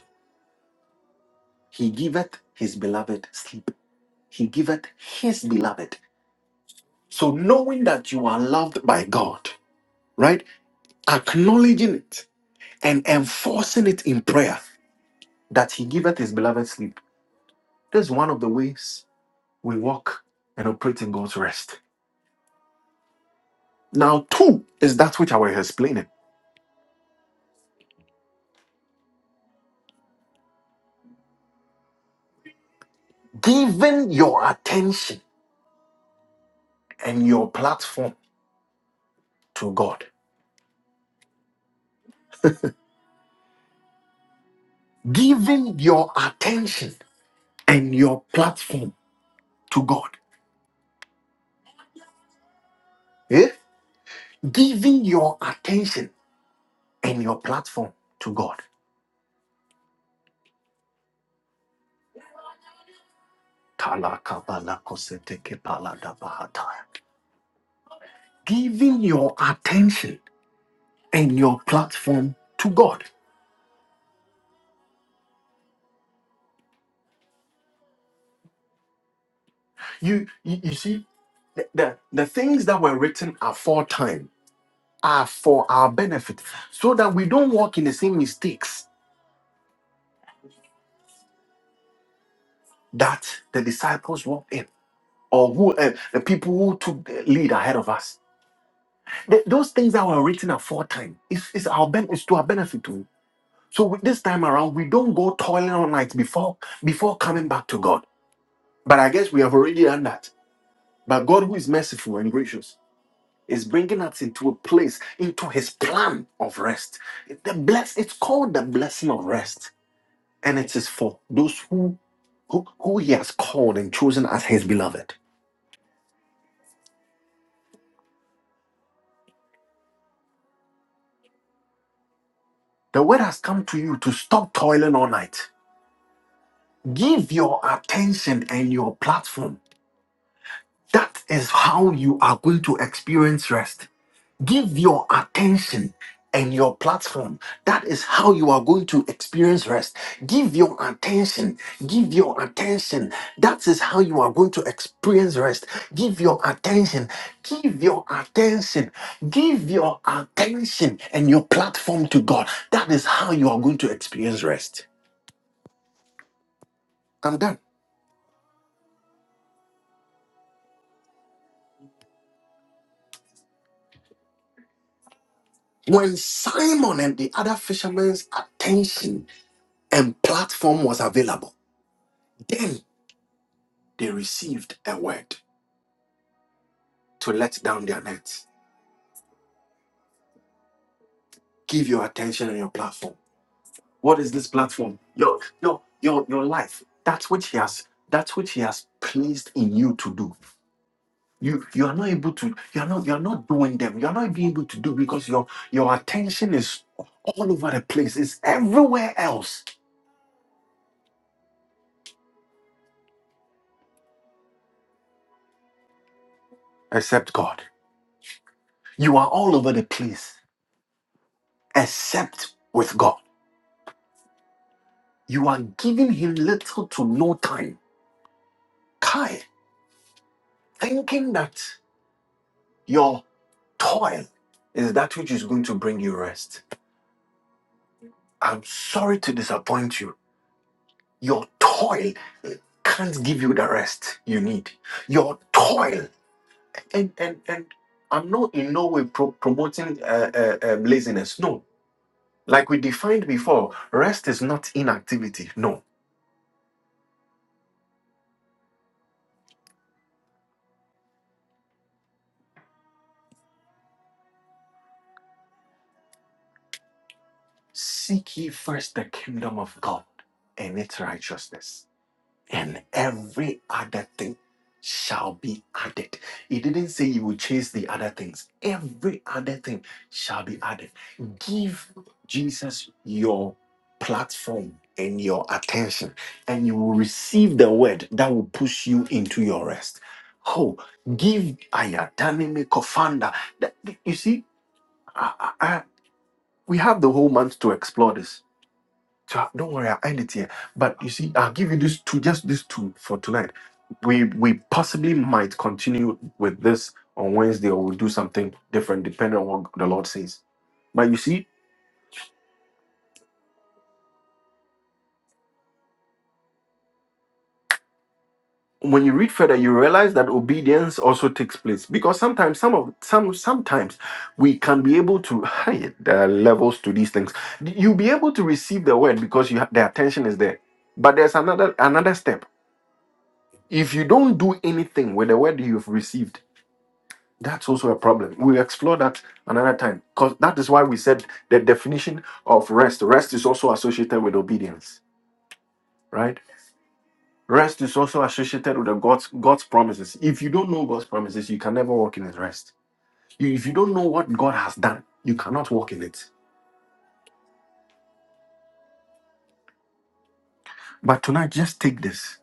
he giveth his beloved sleep he giveth his beloved so knowing that you are loved by god right acknowledging it and enforcing it in prayer that he giveth his beloved sleep this is one of the ways we walk and operate in god's rest now two is that which i was explaining Giving your attention and your platform to God. Giving your attention and your platform to God. Eh? Giving your attention and your platform to God. Talakabalakositekepaladabahata. Giving your attention and your platform to God. You, you, you see, the, the the things that were written aforetime are for our benefit so that we don't walk in the same mistakes that the disciples walked in or who uh, the people who took the lead ahead of us. Th- those things that were written aforetime is is our ben- is to our benefit too. So with this time around, we don't go toiling all night before before coming back to God. But I guess we have already done that. But God, who is merciful and gracious, is bringing us into a place, into His plan of rest. The bless, it's called the blessing of rest, and it is for those who who, who He has called and chosen as His beloved. The word has come to you to stop toiling all night. Give your attention and your platform. That is how you are going to experience rest. Give your attention and your platform. That is how you are going to experience rest. Give your attention. Give your attention. That is how you are going to experience rest. Give your attention. Give your attention. Give your attention and your platform to God. That is how you are going to experience rest. I'm done. When Simon and the other fishermen's attention and platform was available, then they received a word to let down their nets. Give your attention and your platform. What is this platform? Your your your your life. That which he has that which he has placed in you to do. You you are not able to, you are not you are not doing them. You are not being able to do because your your attention is all over the place. It's everywhere else except God. You are all over the place except with God. You are giving Him little to no time. Kai, thinking that your toil is that which is going to bring you rest. I'm sorry to disappoint you. Your toil can't give you the rest you need. Your toil, and and and I'm not in no way pro- promoting uh, uh, um, laziness. No, like we defined before, rest is not inactivity. No, Seek ye first the kingdom of God and its righteousness, and every other thing shall be added. He didn't say you will chase the other things, every other thing shall be added. Give Jesus your platform and your attention, and you will receive the word that will push you into your rest. Oh, give Ayatanime Kofanda. That- You see, I, I, I- we have the whole month to explore this so don't worry, I'll end it here. But you see, I'll give you these two, just these two for tonight. We we possibly might continue with this on Wednesday, or we'll do something different depending on what the Lord says. But you see, when you read further, you realize that obedience also takes place because sometimes some of some sometimes we can be able to hey, there are levels to these things. You'll be able to receive the word because you ha- the attention is there. But there's another another step. If you don't do anything with the word you've received, That's also a problem. We'll explore that another time because that is why we said the definition of rest. Rest is also associated with obedience, right? Rest is also associated with the God's God's promises. If you don't know God's promises, you can never walk in His rest. You, if you don't know what God has done, you cannot walk in it. But tonight, just take this.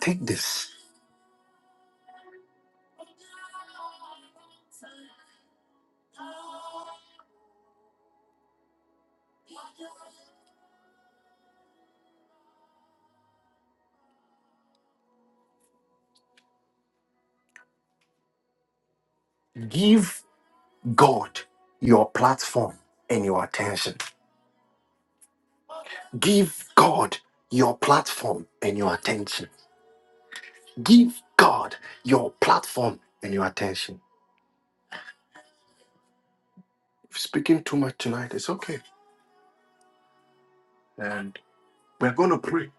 Take this. Give God your platform and your attention. Give God your platform and your attention Give God your platform and your attention. If speaking too much tonight, it's okay. And we're going to pray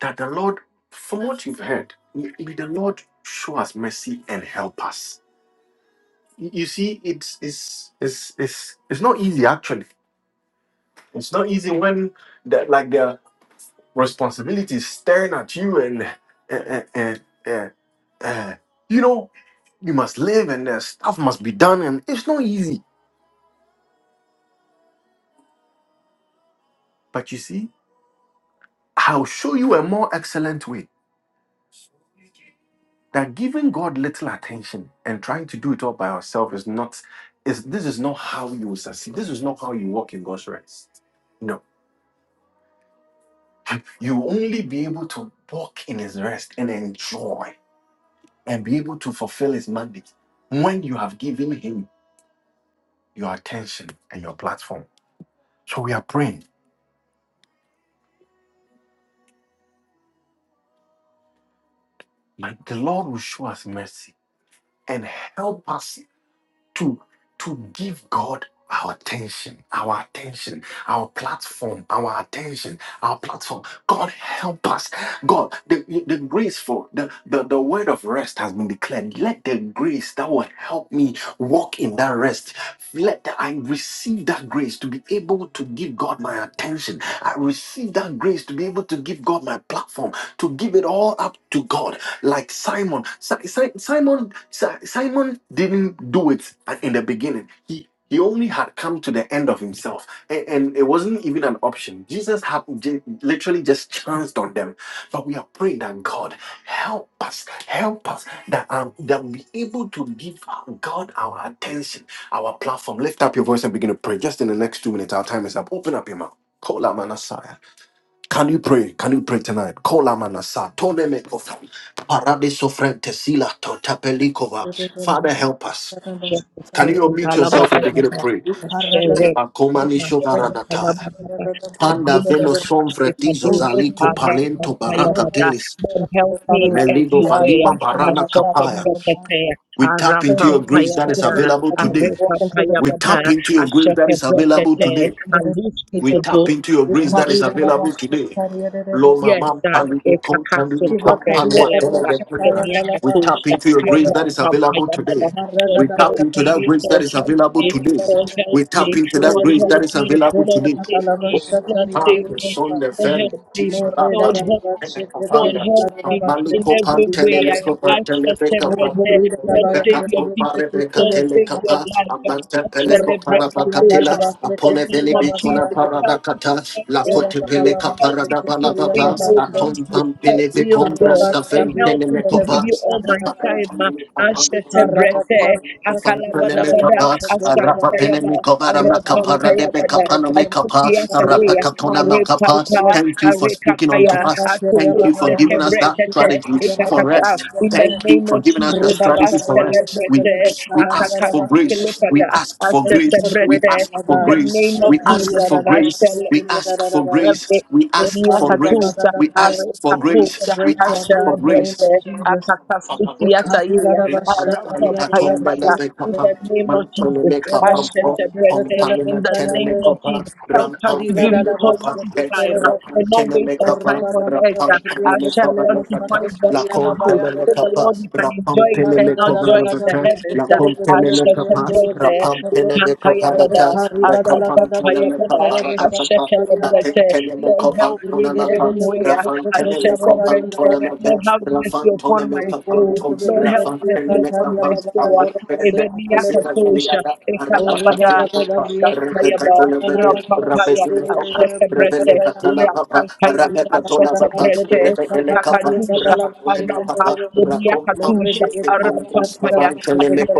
that the Lord, from what you've heard, may may the Lord show us mercy and help us. You you see, it's it's it's it's it's not easy actually. It's not easy when that like the responsibility is staring at you and and and, and, and you know you must live and uh, stuff must be done and it's not easy. But you see. I'll show you a more excellent way that giving God little attention and trying to do it all by yourself is not is this is not how you will succeed. This is not how you walk in God's rest. No. You will only be able to walk in his rest and enjoy and be able to fulfill his mandate when you have given him your attention and your platform. So we are praying that the Lord will show us mercy and help us to to give God our attention, our attention, our platform, our attention, our platform. God help us. God, the, the grace for the, the, the word of rest has been declared. Let the grace that will help me walk in that rest. Let the- I receive that grace to be able to give God my attention. I receive that grace to be able to give God my platform, to give it all up to God like Simon. Si- Si- Simon Si- Simon didn't do it at- in the beginning. He he only had come to the end of himself, and, and it wasn't even an option. Jesus had j- literally just chanced on them. But we are praying that God help us, help us that um, that we be able to give our- God our attention, our platform. Lift up your voice and begin to pray. Just in the next two minutes, our time is up. Open up your mouth. Call out Messiah. Can you pray? Can you pray tonight? Kola manasa, tone me kofa, parade sofrente sila to tapelikova. Father, help us.
Lord,
Can you unmute
help
yourself and begin to pray? Leba komani shovaranataya. Panda veno somfretizo zaliko palento baraka telis.
me in
you
Meligo
every
are
way.
vanima
essential in
barana
our platform,
kapaya.
Lord God.
We tap
Aram
So
into
in the
your
from
name of
grace that is
Jesus, Lord
Payabada,
God,
available
that we will
today.
Arepa
walk into the
We
grace of
tap
Payabada,
into your grace that
Ashaka
is
the
available
Lord
Brekete,
today.
in the name
and
of
loose me
We
Jesus.
to
tap
do
into your
We
grace that
carry
is
the love
available
of God,
today.
carry the love of
Loma
Yes,
mam
sir.
God.
palini kom
Ekakaso
pam
Ivakaria
palwa
kubenzele
baba
tela
baba.
de
shataya
kundra. We
galaba
tap
Emiakatosha.
into your
I
grace
sekelele
that
want
is
vampire
available today.
baba.
ikarra
We
Lord
gadala
tap
help
gaba
into
me.
that
bria
grace that
Lord
is
help
available
me.
sekelele
today.
Lord help
We tap
me.
into that
Lord
Rederi
grace
help
that
ribo
is
me.
available
Lord
today.
save
galaba
me. Lord
shataria
save
deri
Parque
me.
bosa
son de
Lord
fermo,
help me.
tis la
Morre
Lord help
pata,
gadala
me.
mene
Lord,
sekelele
cofanda,
help me
galaba
in
malico
every
sekelele gaba
pantene
way.
me
I
yendo
ask
copantene
for
becapa,
celebrate.
Mokbori
Lord,
gadaba
save
yendo
Rebecca
your
ribo
compa
people.
Rebecca
Lord,
sekelele
save
bosala
your
telecapa,
life. I
amante
Orre
peleco
celebrate
katiya
parabacatela,
Katosha
galaba
in the
apone
sekelele
name
veni
of
bitona
Jesus. Help me
paradacata,
to
la
embrace
Era
cote
baba
you.
peleca
baba
Help me to do
paradabalababa,
things that will
aton
please you. Help
pampine
Thank
vi
me, oh God,
compras
and
cafen
help
tene
me
me
to give you
copas,
all my time. Ashetabrete,
Thank
akalabadabada, askantayaba, arapampayabada, asukiyatayeya, arepapa,
you.
you for speaking
Thank you
unto
Arekakaya,
for
us.
grace,
Thank you
my
for
Atokosete
giving us that
Brekete,
strategy for
Ekakaka,
rest.
In the
Thank you
name
for
of
giving us that
Jesus, I
strategy for rest.
celebrate
We we ask for grace. We
Akakatukelekada,
ask
I
for grace.
celebrate
We ask
in
for
God.
the name
grace.
of
We ask
Jesus,
for
as
grace. We ask for grace. We ask
Benia
for grace.
Katusa,
We
Ara
ask for
Give us the
Katusa,
grace. We
grace, my
ask
God,
for
Ashela
in the name
grace.
of
Brete,
Jesus.
Akakasuti
Palakoto,
Ataya, Arapa
Ripampani Atom
Payabada,
Delebe
in
Papa,
the name of Jesus,
Mantolene Capampo,
Asheta Brete, in
Omtalina
the name
Teneme
of
Copa,
Jesus. Help us
Rampam
to give you
Peneme Copa,
quality time
Ekariga
and
Rapam
not waste
Teneme
our
Orre
Capa,
time
baba
on
baba da
earth.
Rapam
briye
Paneme
Help
kesele
Cova
us
de
to find
sakre
Lecata,
best
La
in
baba
you
Contemele
yandere
so the
de.
Capa,
Lord we can
E
Rapam
enjoy
kari
Peneme
eternal
gada
Cova
la
joy in
gada
the
Rabata,
briye
heavens.
La
kesele de de de de
Contemele
Asheta
Capa,
yandere
Brete,
de
Rapam
we
sakre.
can't
Peneme
E
Payabada,
Coparata,
kari
La
gada la
Capam
Arapa
gada briye
Teneme
Payabada,
kesele de sakre
Caparata
torya baba.
Lapin
Ashekelebrete.
will be to
Lord,
Telemeko
help
be
me in
Rige
to
de
be
de
Pantonamapa,
every
de
way.
de
able to
Rafan
sakre
do your
torya baba
Telemeko
work.
yandere
Ashekelebrete.
baba.
I'm
Lord,
Pantonamapa,
have
pleased to be
mercy
Rafan
upon my
E
Tolemeka
kori
soul.
de
Panton,
de
Lord,
de de
help
Rafan
briye
mercy upon
Telemeka
kesele
here.
my
Pant,
baba
soul.
abu
yandere de sakre de.
Ebeniyakatosha.
Orre baba
Ekalabada.
baba da briye kesele
Shantayaba.
de la baba.
Rapapaya.
Şundere de de briye
Ashekelebrete.
kesele.
Irakantaya.
Thank
Ashekelebrete. Ikakadusha. Arapa. Bobiyakatusha. Arapapaya.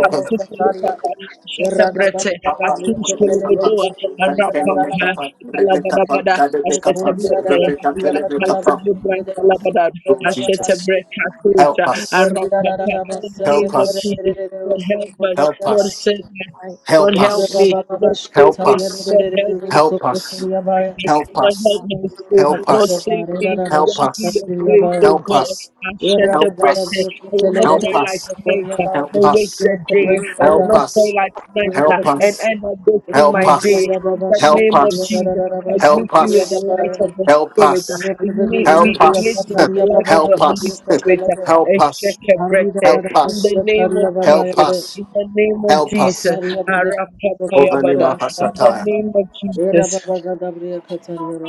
Rafa
grace to
Ashekelebrete.
obey the
Oh
Lord with your ways and trust
Atuskulubudua.
Him.
Ikalabadabada,
Thanks so the
Ashetebrete,
I'm going to be
Ikantasebrelabada,
grateful because
Jesus,
Ashetebrekatusa,
help
I'm not
us,
generally able
Arapapa. In
to
the
be a
name
help
of
good
us,
Jesus,
people.
Lord,
I
help
believe to be
us.
help
Lord,
us,
save
good
us.
I
Lord,
help us, help
also
us,
help me. Lord, save
help
me.
us,
Lord, help me
help us,
with me.
help
Lord,
us,
help my soul.
help
Lord,
us,
save me.
help
Grant me your
us,
of
grace,
my
you.
oh
help
God.
us,
I'm
Give us
shattered
help us, help us,
breasted.
the
I will not
own.
help us,
toil
help
like
us,
tonight
Thank
uh,
help us,
and waste the day.
grace,
you,
I
O
will
God.
not toil like
Give
tonight
us
uh,
Lord.
the grace.
and end up wasting
help
my day. In the name of
us,
Jesus, I greet
help
you with the
us,
light of the
help
Spirit. uh,
us,
Ignite me,
Help
ignite
us.
me with the light of the
Help
Holy
us.
Spirit. uh,
Help
And
us.
shake your breath. breasted.
Help
In
us.
the name of
Help
Jesus.
us.
In the name of
Help us.
Jesus, Arapapayabada.
Ovanima
in the
Hasataya.
name of Jesus.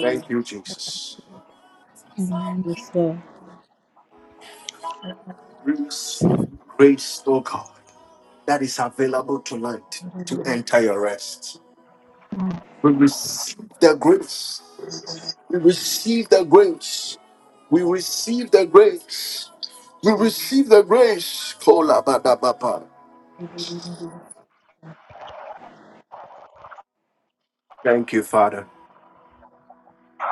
Thank you, Jesus.
Yes, Lord.
We receive grace, O God, that is available tonight to enter your rest. The grace. We receive the grace. We receive the grace. We receive the grace. Kola badabapa. Thank you, Father.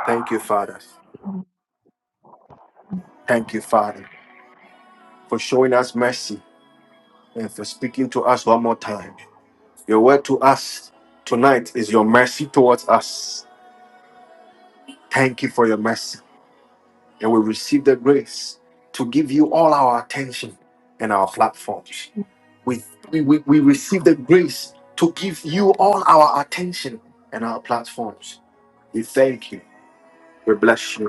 Thank you, Father. Thank you, Father, for showing us mercy and for speaking to us one more time. Your word to us tonight is your mercy towards us. Thank you for your mercy. And we receive the grace to give you all our attention and our platforms. We, we, we, we receive the grace to give you all our attention and our platforms. We thank you. We bless you.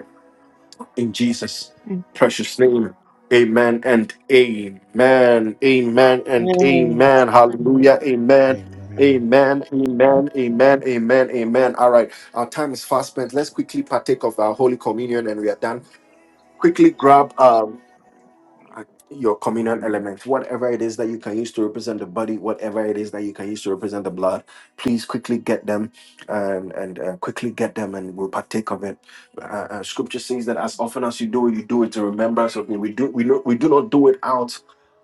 In Jesus'
Thank you,
precious name. Amen and amen. Amen and amen. Hallelujah. Amen.
Amen.
Amen. Amen. Amen. Amen. Amen. All right. Our time is fast spent. Let's quickly partake of our Holy Communion and we are done. Quickly grab um uh, your communion element, whatever it is that you can use to represent the body, whatever it is that you can use to represent the blood, please quickly get them and, and uh, quickly get them and we'll partake of it. Uh, uh, scripture says that as often as you do it, you do it to remembrance of me. We do we, no, we do not do it out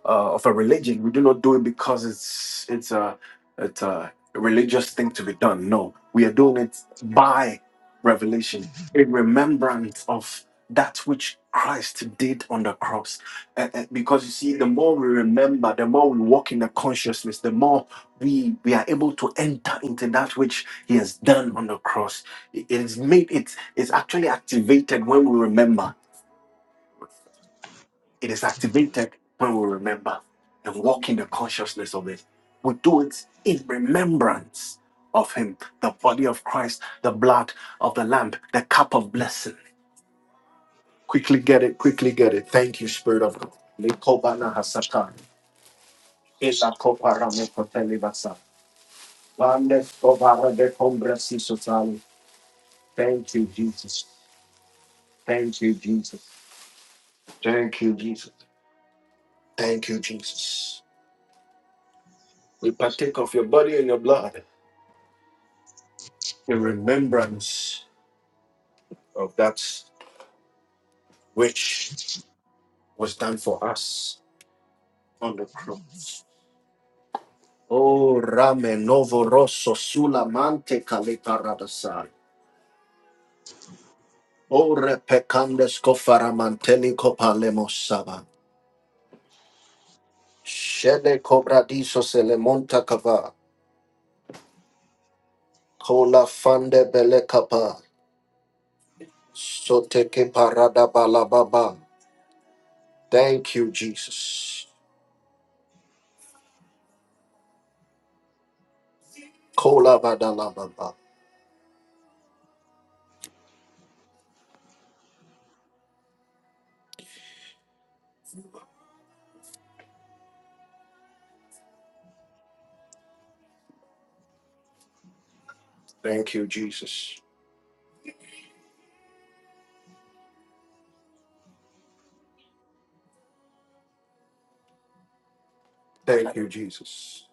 uh, of a religion. We do not do it because it's it's a it's a religious thing to be done. No, we are doing it by revelation in remembrance of that which Christ did on the cross uh, uh, because you see the more we remember the more we walk in the consciousness the more we we are able to enter into that which he has done on the cross it it is made it is actually activated when we remember it is activated when we remember and walk in the consciousness of it we do it in remembrance of him the body of christ the blood of the lamb the cup of blessing quickly get it quickly get it thank you spirit of god Lekobana hasata. e la me fratelli bassa. Vande copara de compresi sociali. Thank you, Jesus. Thank you, Jesus. Thank you, Jesus. Thank you, Jesus. We partake of your body and your blood in remembrance of that which was done for us on the cross. Oh, Rame Novo Rosso Sulamante Caliparadasai. O repecandes cofaramanteli copalemos saba. Shede cobradiso se cava. Kola fande bele kapa. Soteke parada balababa. Thank you, Jesus. Kola badalababa. Thank you, Jesus. Thank you, Jesus.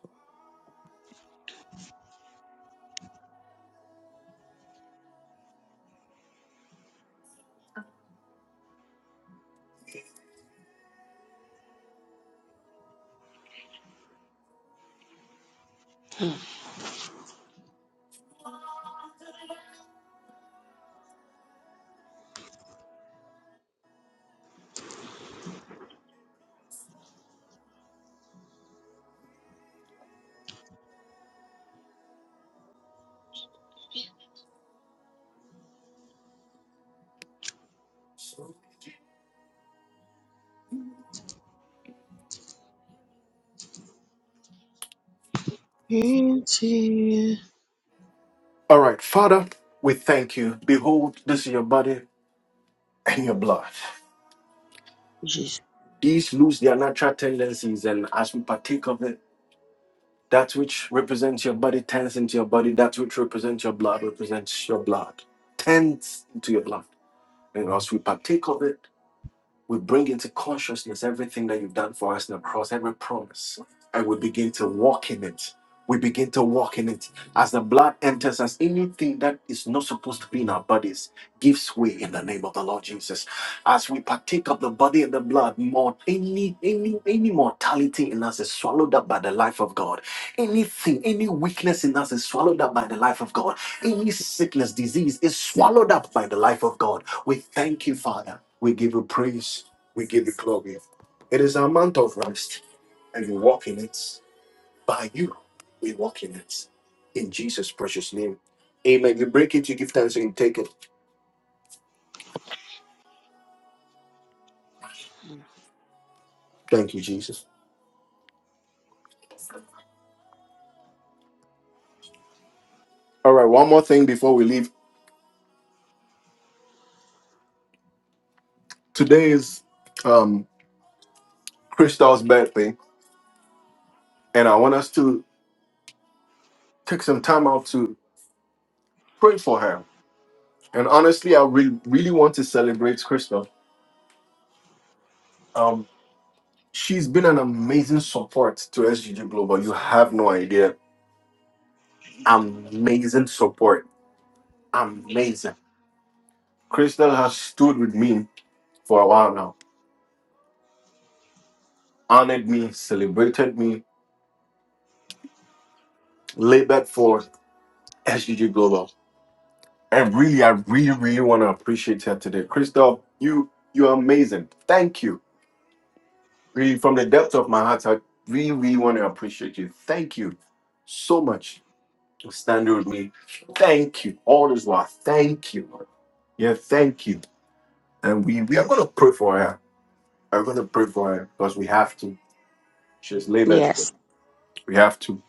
Into
All right, Father, we thank you. Behold, this is your body and your blood.
Jesus.
These lose their natural tendencies, and as we partake of it, that which represents your body turns into your body, that which represents your blood represents your blood, turns into your blood. And as we partake of it, we bring into consciousness everything that you've done for us in the cross, every promise, and we begin to walk in it. We begin to walk in it. As the blood enters us, anything that is not supposed to be in our bodies gives way in the name of the Lord Jesus. As we partake of the body and the blood, more any any any mortality in us is swallowed up by the life of God. Anything, any weakness in us is swallowed up by the life of God. Any sickness, disease is swallowed up by the life of God we thank you, Father. We give you praise. We give you glory. It is our month of rest, and we walk in it. By you, we walk in it. In Jesus' precious name. Amen. You break it, you give thanks, and you take it. Thank you, Jesus. All right, one more thing before we leave. Today is um, Crystal's birthday, and I want us to take some time out to pray for her. And honestly, I re- really want to celebrate Crystal. Um, she's been an amazing support to SGG Global. You have no idea amazing support. Amazing. Crystal has stood with me for a while now, honored me, celebrated me, labored for SGG Global. And really, I really, really want to appreciate her today. Crystal, you you're amazing. Thank you. Really, from the depth of my heart, I really, really want to appreciate you. Thank you so much for standing with me. Thank you. All this while. Thank you. Yeah, thank you. And we, we are gonna pray for her. I'm gonna pray for her because we have to. She's labored.
Yes.
We have to.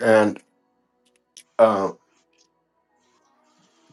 And uh,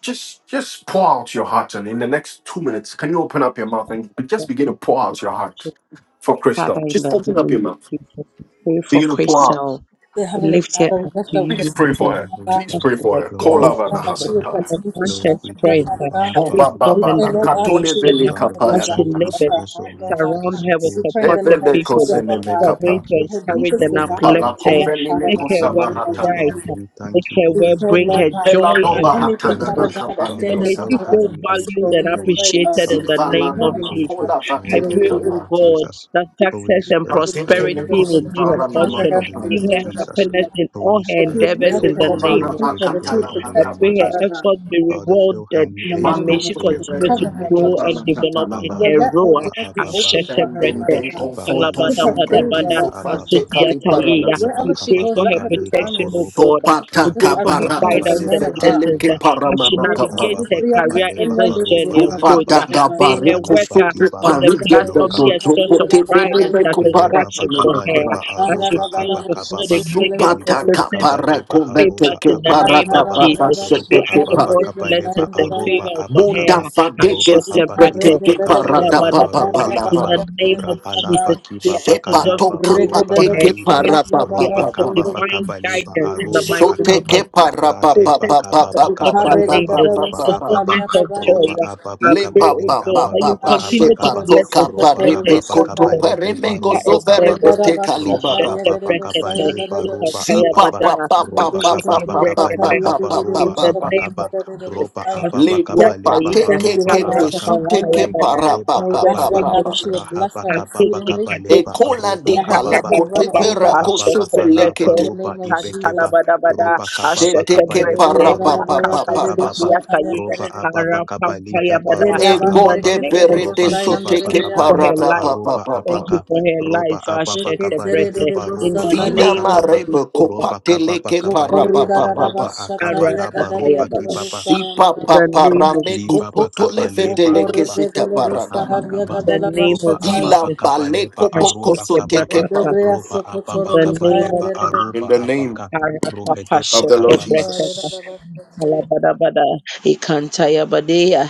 just just pour out your heart, and in the next two minutes, can you open up your mouth and be- just begin to pour out your heart for
Father,
Crystal?
in
Just
the
open up
name of
your
Jesus, we pray for
begin to pour out.
Crystal.
The
We
Heavenly
lift it
Father, we
up to
lift up
you,
Christy to
Lord.
you,
Father,
my
we
God.
thank
First the
you
all,
We
so
for
ask,
much
us
for
for
Kolava
to
na
God, that you
this.
would
have
hasataya.
a
continue to
her
Lord, we
strengthen her,
thank
strength,
you
Father
uh,
for how
God.
Oh
far
ba
you've
ba
wisdom,
We
brought
ba
and
pray,
us,
na
Lord God,
Lord.
that
katole
you
education
would
vele
give
uh,
her
Father,
the
we
as
kapaya na
she
thank
desires
you
of
labors.
hasa.
so,
her
so
heart, Lord
much
God.
for the
Surround her with
We
support,
pray in
oh
the name
God.
supportive
of
Devele
people
Jesus,
uh,
Lord
kosene
Father,
me
who
God,
we
are
kapa.
thank
going
for
to
you
her
so,
encourage
so
deepest
and
desire
much,
to
uplift
Pala
be
her.
Jesus.
met,
konveni me
Father
Make
We
God,
her
in the
thank
work
kosaba
you,
name of
oh
hatana.
bright.
God.
Jesus.
uh,
We
Make
thank you
her
for
We
work
Christ,
pray,
the
bring
Lord
her
Lord.
God,
Pela
joy
that
and
Father,
doba
we
anything,
Lord.
thank
hatana
Father
na
you.
fulfillment. uh,
God,
kapa
that
le
Father,
And
stands in
may
fill
she
her
her
kosaba.
victory.
as
feel
an
new
He is
age
valued
obstacle
with
and
in her
joy.
victorious
way
on all
of
appreciated in
sides.
Father,
the
fill
name
Zivala
her
na
of
new
serving
ma
Thank
you,
age
Jesus.
you,
with
kola
Father God,
I
that
joy
it
Lord.
in
vatele
would
the
pray,
Thank
be
you,
oh
name
kapa.
of
moved, Lord
Father.
God,
Jesus.
that
Thank
Holy
you,
success and
Father,
Spirit,
for your
fill her new
prosperity
Jesus, Lord,
will
age
be
from
with
her
the
daughter.
crown of
joy
her
portion
in
head
the
Patekelekosivaranamakaba.
to
Give
the
name of
Thank
her
soles
you
of her
for
Jesus.
feet,
this
happiness
Lord God.
in
moment.
all
Holy
Thank
her
That you
Spirit,
would
endeavors
bless
fill
in
her,
her
the
that
new
you
name
would
age
of
keep
with
her, that
Jesus.
you
joy
would
in the
And
I
protect
we
name
pray
of
her,
Melekovarabakatalabakabala.
thank
Father
her
you.
Jesus.
God.
effort
We
be
thank
Father,
you.
fill
rewarded
her new
In
You
the
will
age
mighty
and may
with
name
always
she
of
joy
Jesus,
know
in
continue
the
that
to
cover
I
name
her,
of
feel
grow
Lord.
my
and
Jesus.
family
develop in
Madokoteferenikobalakatalaba.
Lord,
her
let all
role.
and
doors
my
be
Kalabaroba
open
life.
for her,
the
Ashetebrete,
Father
Sendenden
biggest
God.
Rodeki
one.
baba
confonto
Give her
laba
And it
sombrenti
takes
favor,
kalabadabadabada,
koruba
Lord
the
God.
moment to
ababa
sofante cali
us.
asutiatayeya.
Thank
paranasa.
you
rohedeba
Wherever
We
so
she
pray
goes,
ababa
much.
for
let
her
her be
kaleba
protection,
honored, Lord
O
God.
oroba
God.
Thank you so
We
Sopata
Just
pray
much
for
as
for
her
rahababa
she's
your
cabarako
honored
thank you.
the
guidance
si
man
and
kabaleba
of God.
fetele
blessings
que
uh,
akiba
as she
paramana
roba
kabala,
navigates her
ababa
Remasifriya
career in
kabaleba
this
aroba
journey of growth.
ababa
Sopata
uh,
And
May her
cabareco
all the
work
rahalaba
uh,
Lord.
sopre
on
kibaba
the
pari de
platform be a
dojo
Microsoft
source of
pote
available
pride and
veneme
Leba
satisfaction
coparatano
for
bakaba
her.
mecaba.
leba
I should
aruba
feel the Lord
available
abakababa.
make him
Supata
Liba
perfect
bakaba leba
caparaco
pray
vete
but
haruba
que
in
subscription
the
We thank
name
parata
of
abakibaba.
papa
Jesus.
you,
We
Roba
ask for
sete
God's
abakaba leba
blessings and
aruba
favor upon her.
Munda
abakaba.
system
vadege
Roba
Ashete brete,
habakiba
design
zipreteke
bakaba
parada
leba
pa pa
ikalabadabada.
pa
aruba
la
In
pa
the
kaba.
system
pa.
name of
design
Rahalaba
Jesus, we
kiba
ask for
Sepa
job
bakalaba
toka
security
oroba
for her.
pateke
kalibe.
We
para pa
we
pa
Roba
pa
ask for
pa
kaba
pa.
divine
bakaba leba
guidance in the
aruba
mighty name of
akaba.
Soteke
Jesus.
para pa
Rade
pa pa
Protection
pa pa
bakaba
from
pa
such
bakaba
pa pa
features
leba
pa
labors,
pa
roba
pa pa.
ababa.
fulfillment of joy.
Roba ababa
I
Le
pray,
ba
oh
kabali
ba
God,
ba
that
ba
you
abaruba
ba
continue to
sepa
abakaba
bless and
toka
roba
support her
parepe
ababa
in
koto
the
kabale heba
paremengo
future
roba
zovere
kababa
endeavors.
bete kali
roba
ba ba.
Ashete
ababa
brekete,
kabale ba roba
Ziba
ababa
ba
ikalabadabada.
ba
I
ba
roba
ba ba
shake your
ababa
ba
breath,
ba ba
kabale
ba
Pepe.
ba
haba
ba
In
roba
ba
the
ba.
name of
abakaba
Jesus.
roba ababa
Le
kabale
kopa
ba
Asutiyakaiya.
teke
haroba
Lord,
ke ke
God, for
abaka
our life.
suteke
leke
Harapampayabada.
para ba
deba
And
systems
we
ba
The
and
ask,
ba
Lord
ababa
name
ba
God,
of
ba.
that you would
Jesus.
bless
rahaba
her
kababa
Ateke
exceedingly,
kabale ba
kadosha.
Ekola
aroba
that her
dipa la
cup
kababa
would run
kote
Ekarababa.
roba
pera
over
ababa
Ashete
kosofe
kalaba
in
brete.
the
roba
name of Jesus.
ibekeba
Ikantalabadabada.
roba kababa
Ashete
Sheteke
kabale ba
para
brete.
pa
haroba
pa pa pa pa
abakababa
pa.
Akakasutiyakaiya.
roba ababa kabali haba
Harapampayabada.
roba
In
Ego
the
ababa
de
name of
bere de
roba
Jesus.
kiba
Thank
soteke
you
bakaba
for
para
her
leba
da pa
life.
pa
eh.
aroba
pa
Thank
pa.
you
abaka
for her life.
roba ababa
Ashete
kabale
brete.
eba
In
roba
the
Fina
name of
abakababa
marebe
Jesus.
roba
kopate
kababa
para
kabale
pa pa
eba
pa
roba
pa.
akaba laba roba
Arapapayababa.
kibaba
Sipa
In
pa
the name of
parame
liba
Jesus.
kopoto
bakaba
lefe
leba roba
sita parada.
rahaba
In
kaba
the name
roba
of
Gila
ababa
Jesus.
kabale ba
baleko poko
aroba kababa
soteke pa.
Ashekebrakata.
roba
In
ababa
the name
kabale
of
ba
In
aroba
the
Jesus.
name
abaka rohedeba
of the Lord
Yes,
kababa
Arapapashekebrakata.
Jesus.
Lord.
Alabadabada. Ikantayabadeya.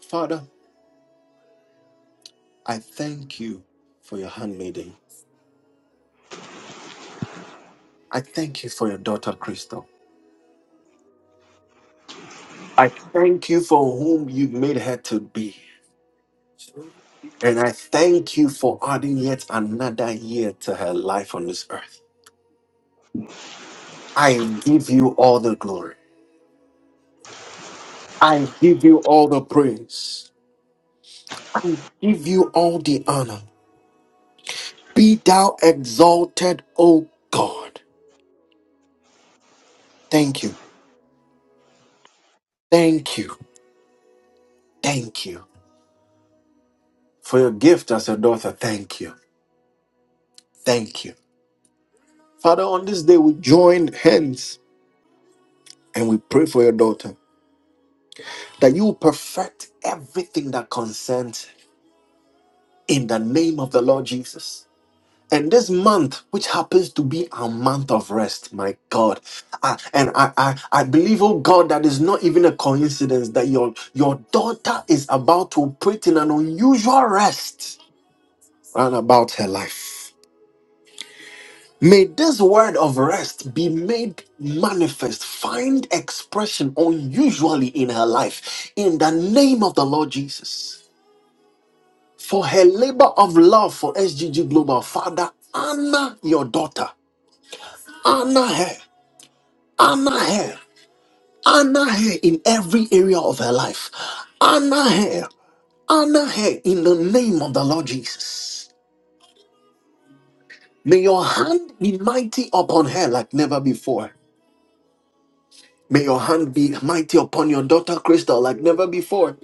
Father, I thank you for your handmaiden. I thank you for your daughter, Crystal. I thank you for whom you made her to be. And I thank you for adding yet another year to her life on this. I give you all the glory. I give you all the praise. I give you all the honor. Be thou exalted, O God. Thank you. Thank you. Thank you for your gift as a daughter. Thank you. Thank you. Father, on this day we join hands and we pray for your daughter that you will perfect everything that concerns her in the name of the Lord Jesus. And this month, which happens to be a month of rest, my God, I, and I, I, I believe, oh God, that is not even a coincidence that your your daughter is about to operate in an unusual rest round about her life. May this word of rest be made manifest, find expression unusually in her life, in the name of the Lord Jesus. for her labor of love for SGG Global. Father, honor your daughter, honor her, honor her, honor her in every area of her life, honor her, honor her in the name of the Lord Jesus. May your hand be mighty upon her like never before. May your hand be mighty upon your daughter Crystal like never before.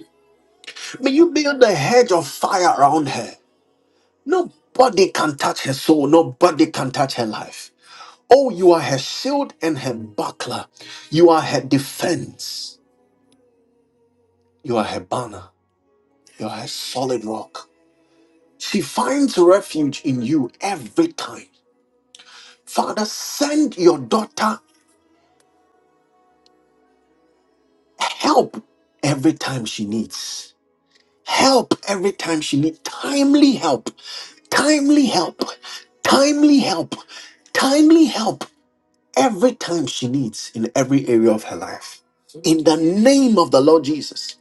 May you build a hedge of fire around her. Nobody can touch her soul. Nobody can touch her life. Oh, you are her shield and her buckler. You are her defense. You are her banner. You are her solid rock. She finds refuge in you every time. Father, send your daughter help every time she needs. Help every time she needs. Timely help. Timely help. Timely help. Timely help every time she needs in every area of her life. In the name of the Lord Jesus.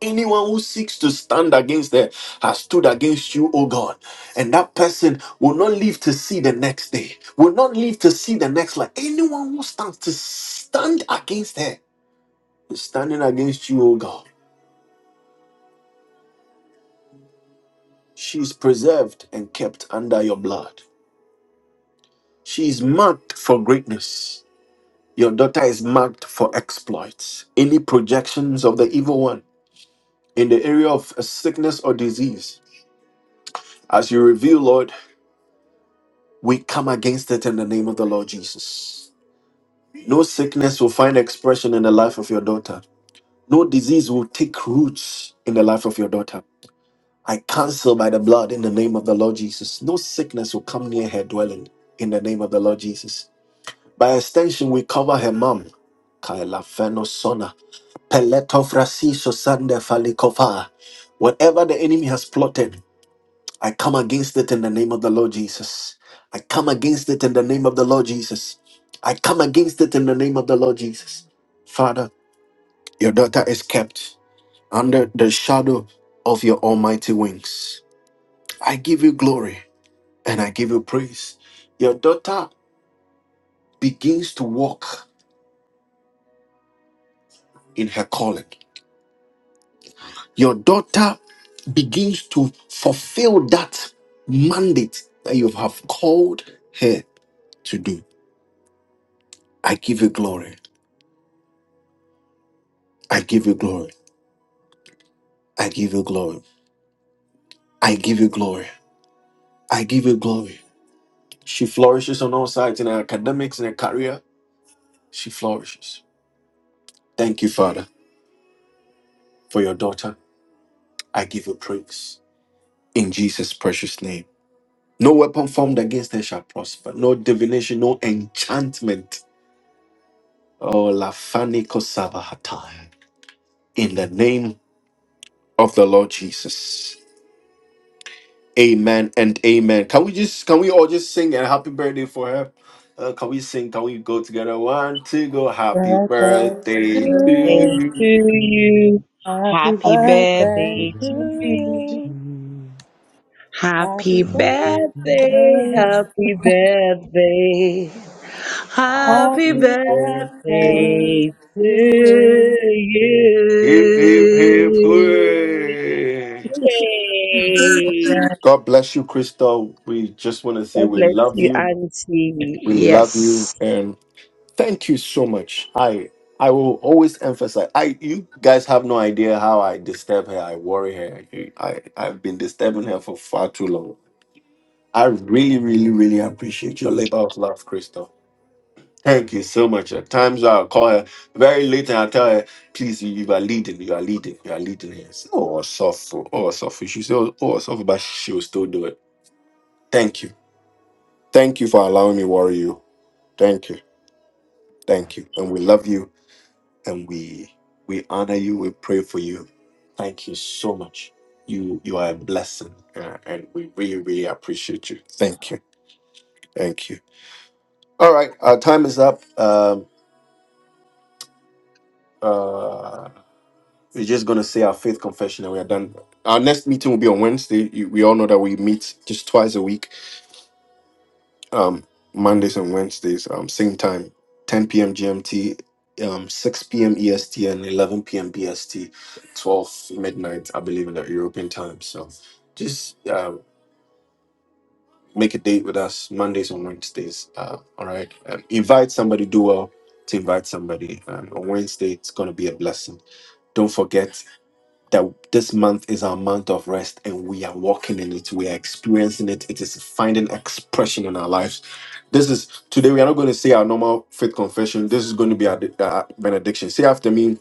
Anyone who seeks to stand against them has stood against you, O God. And that person will not live to see the next day, will not live to see the next life. Anyone who stands to stand against her is standing against you, O God. She is preserved and kept under your blood. She is marked for greatness. Your daughter is marked for exploits. Any projections of the evil one in the area of a sickness or disease, as you reveal, Lord. We come against it in the name of the Lord Jesus. No sickness will find expression in the life of your daughter. No disease will take roots in the life of your daughter. I cancel by the blood in the name of the Lord Jesus. No sickness will come near her dwelling in the name of the Lord Jesus. By extension, we cover her mom. Kaila fenosona. Peletofrasi sosande falikofa. Whatever the enemy has plotted I come against it in the name of the Lord Jesus. I come against it in the name of the Lord Jesus. I come against it in the name of the Lord Jesus. Father, your daughter is kept under the shadow of your almighty wings. I give you glory and I give you praise. Your daughter begins to walk in her calling. Your daughter begins to fulfill that mandate that you have called her to do. I give you glory. I give you glory. I give you glory. I give you glory. I give you glory. She flourishes on all sides in her academics in her career. She flourishes. Thank you, Father, for your daughter. I give you praise in Jesus' precious name. No weapon formed against her shall prosper. No divination, no enchantment. Oh, Lafani Kosabahatai. In the name of the Lord Jesus. Amen and amen. Can we just can we all just sing a happy birthday for her? Uh, can we sing? Can we go together? One, two, go! Happy
birthday to
birthday!
Happy Birthday
you.
to
Mm.
you.
Happy
Happy
Happy
birthday
birthday
to
to
birthday
you.
to
you.
you.
Happy
Happy
Happy birthday.
birthday,
birthday.
happy birthday, happy
Happy birthday
birthday
to
to
you.
you.
Not like
Yay.
God bless you, Crystal. We just want to say
God
we
bless
love
you,
you.
Auntie.
We love you,
Yes.
and thank you so much. I I will always emphasize. I you guys have no idea how I disturb her. I worry her. I I've been disturbing her for far too long. I really, really, really appreciate your labor of love, Crystal. Thank you so much. At times I'll call her very late and I'll tell her, please, you, you are leading, you are leading, you are leading here. She said, Oh, soft, oh, soft. She said, oh, soft, but she will still do it. Thank you. Thank you for allowing me worry you. Thank you. Thank you. And we love you and we we honor you. We pray for you. Thank you so much. You you are a blessing uh, and we really, really appreciate you. Thank you. Thank you. All right. Our time is up. Um, uh, We're just going to say our faith confession and we are done. Our next meeting will be on Wednesday. You- We all know that we meet just twice a week, um, Mondays and Wednesdays, um, same time, 10 p.m. GMT, um, 6 p.m. EST, and 11 p.m. BST, 12 midnight, I believe, in the European time. So just uh, make a date with us Mondays and Wednesdays. Uh, all right. Um, invite somebody, do well to invite somebody. Um, on Wednesday, it's going to be a blessing. Don't forget that this month is our month of rest and we are walking in it. We are experiencing it. It is finding expression in our lives. This is today. We are not going to say our normal faith confession. This is going to be our uh, benediction. Say after me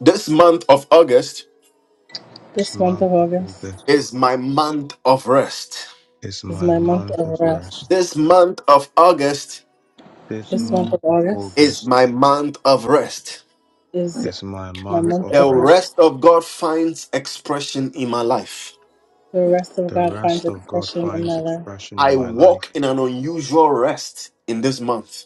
this month of August
It's
This month
love
of
of all
August
this.
is my month of rest.
is
is
my
my month
month of
of rest.
rest.
This month of August
This
This month
month
of
of
August
is
August
my month of rest.
is
is my
my
WordPress
month
month
of
The
of rest.
rest.
rest of God finds expression in my life.
The rest of
The
God finds
rest of God
expression in
finds
my life.
expression in
I
my life.
walk in an unusual rest in this month.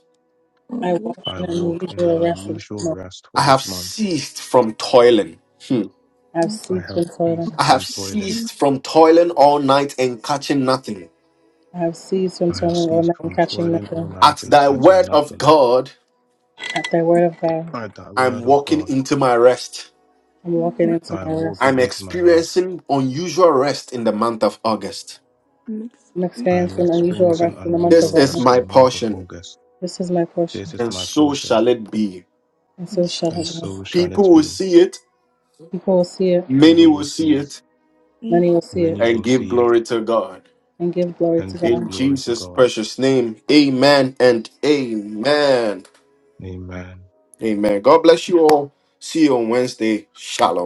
or
I
WordPress,
walk
I
in
walk in an
unusual rest in
unusual
this month.
rest for
I have
this month.
ceased from toiling. Hmm.
I have
but
I
ceased
have
from
ceased
toiling.
I have
from toiling.
ceased from toiling all night and catching nothing.
I have ceased from
I have
toiling all
ceased
night and
from
catching
toiling all
nothing.
At
night and
thy
catching
word of
nothing.
God,
At thy word of God.
by that
I'm
word of
walking
God,
into my rest.
I'm walking
More,
into
I
my
am
rest.
walking
I'm
into my rest.
experiencing unusual rest in the month of August.
Mixed
I'm
I am
experiencing unusual
experiencing
rest in the month
This
of
unusual
is
August.
rest in
my
the month of
portion,
August.
This is my
This
portion,
is
and
my
so
portion,
shall it be.
and so shall
and
it be.
so shall
People
it
will
be.
see it,
People will see it,
People
many will
will see
see
it.
it,
and
many will see it,
Many
and
will
give
see it
glory to God.
and give glory
and
to
gave
God.
In
glory to
Jesus'
God.
precious name, amen and amen.
Amen.
Amen. God bless you all. See you on Wednesday. Shalom.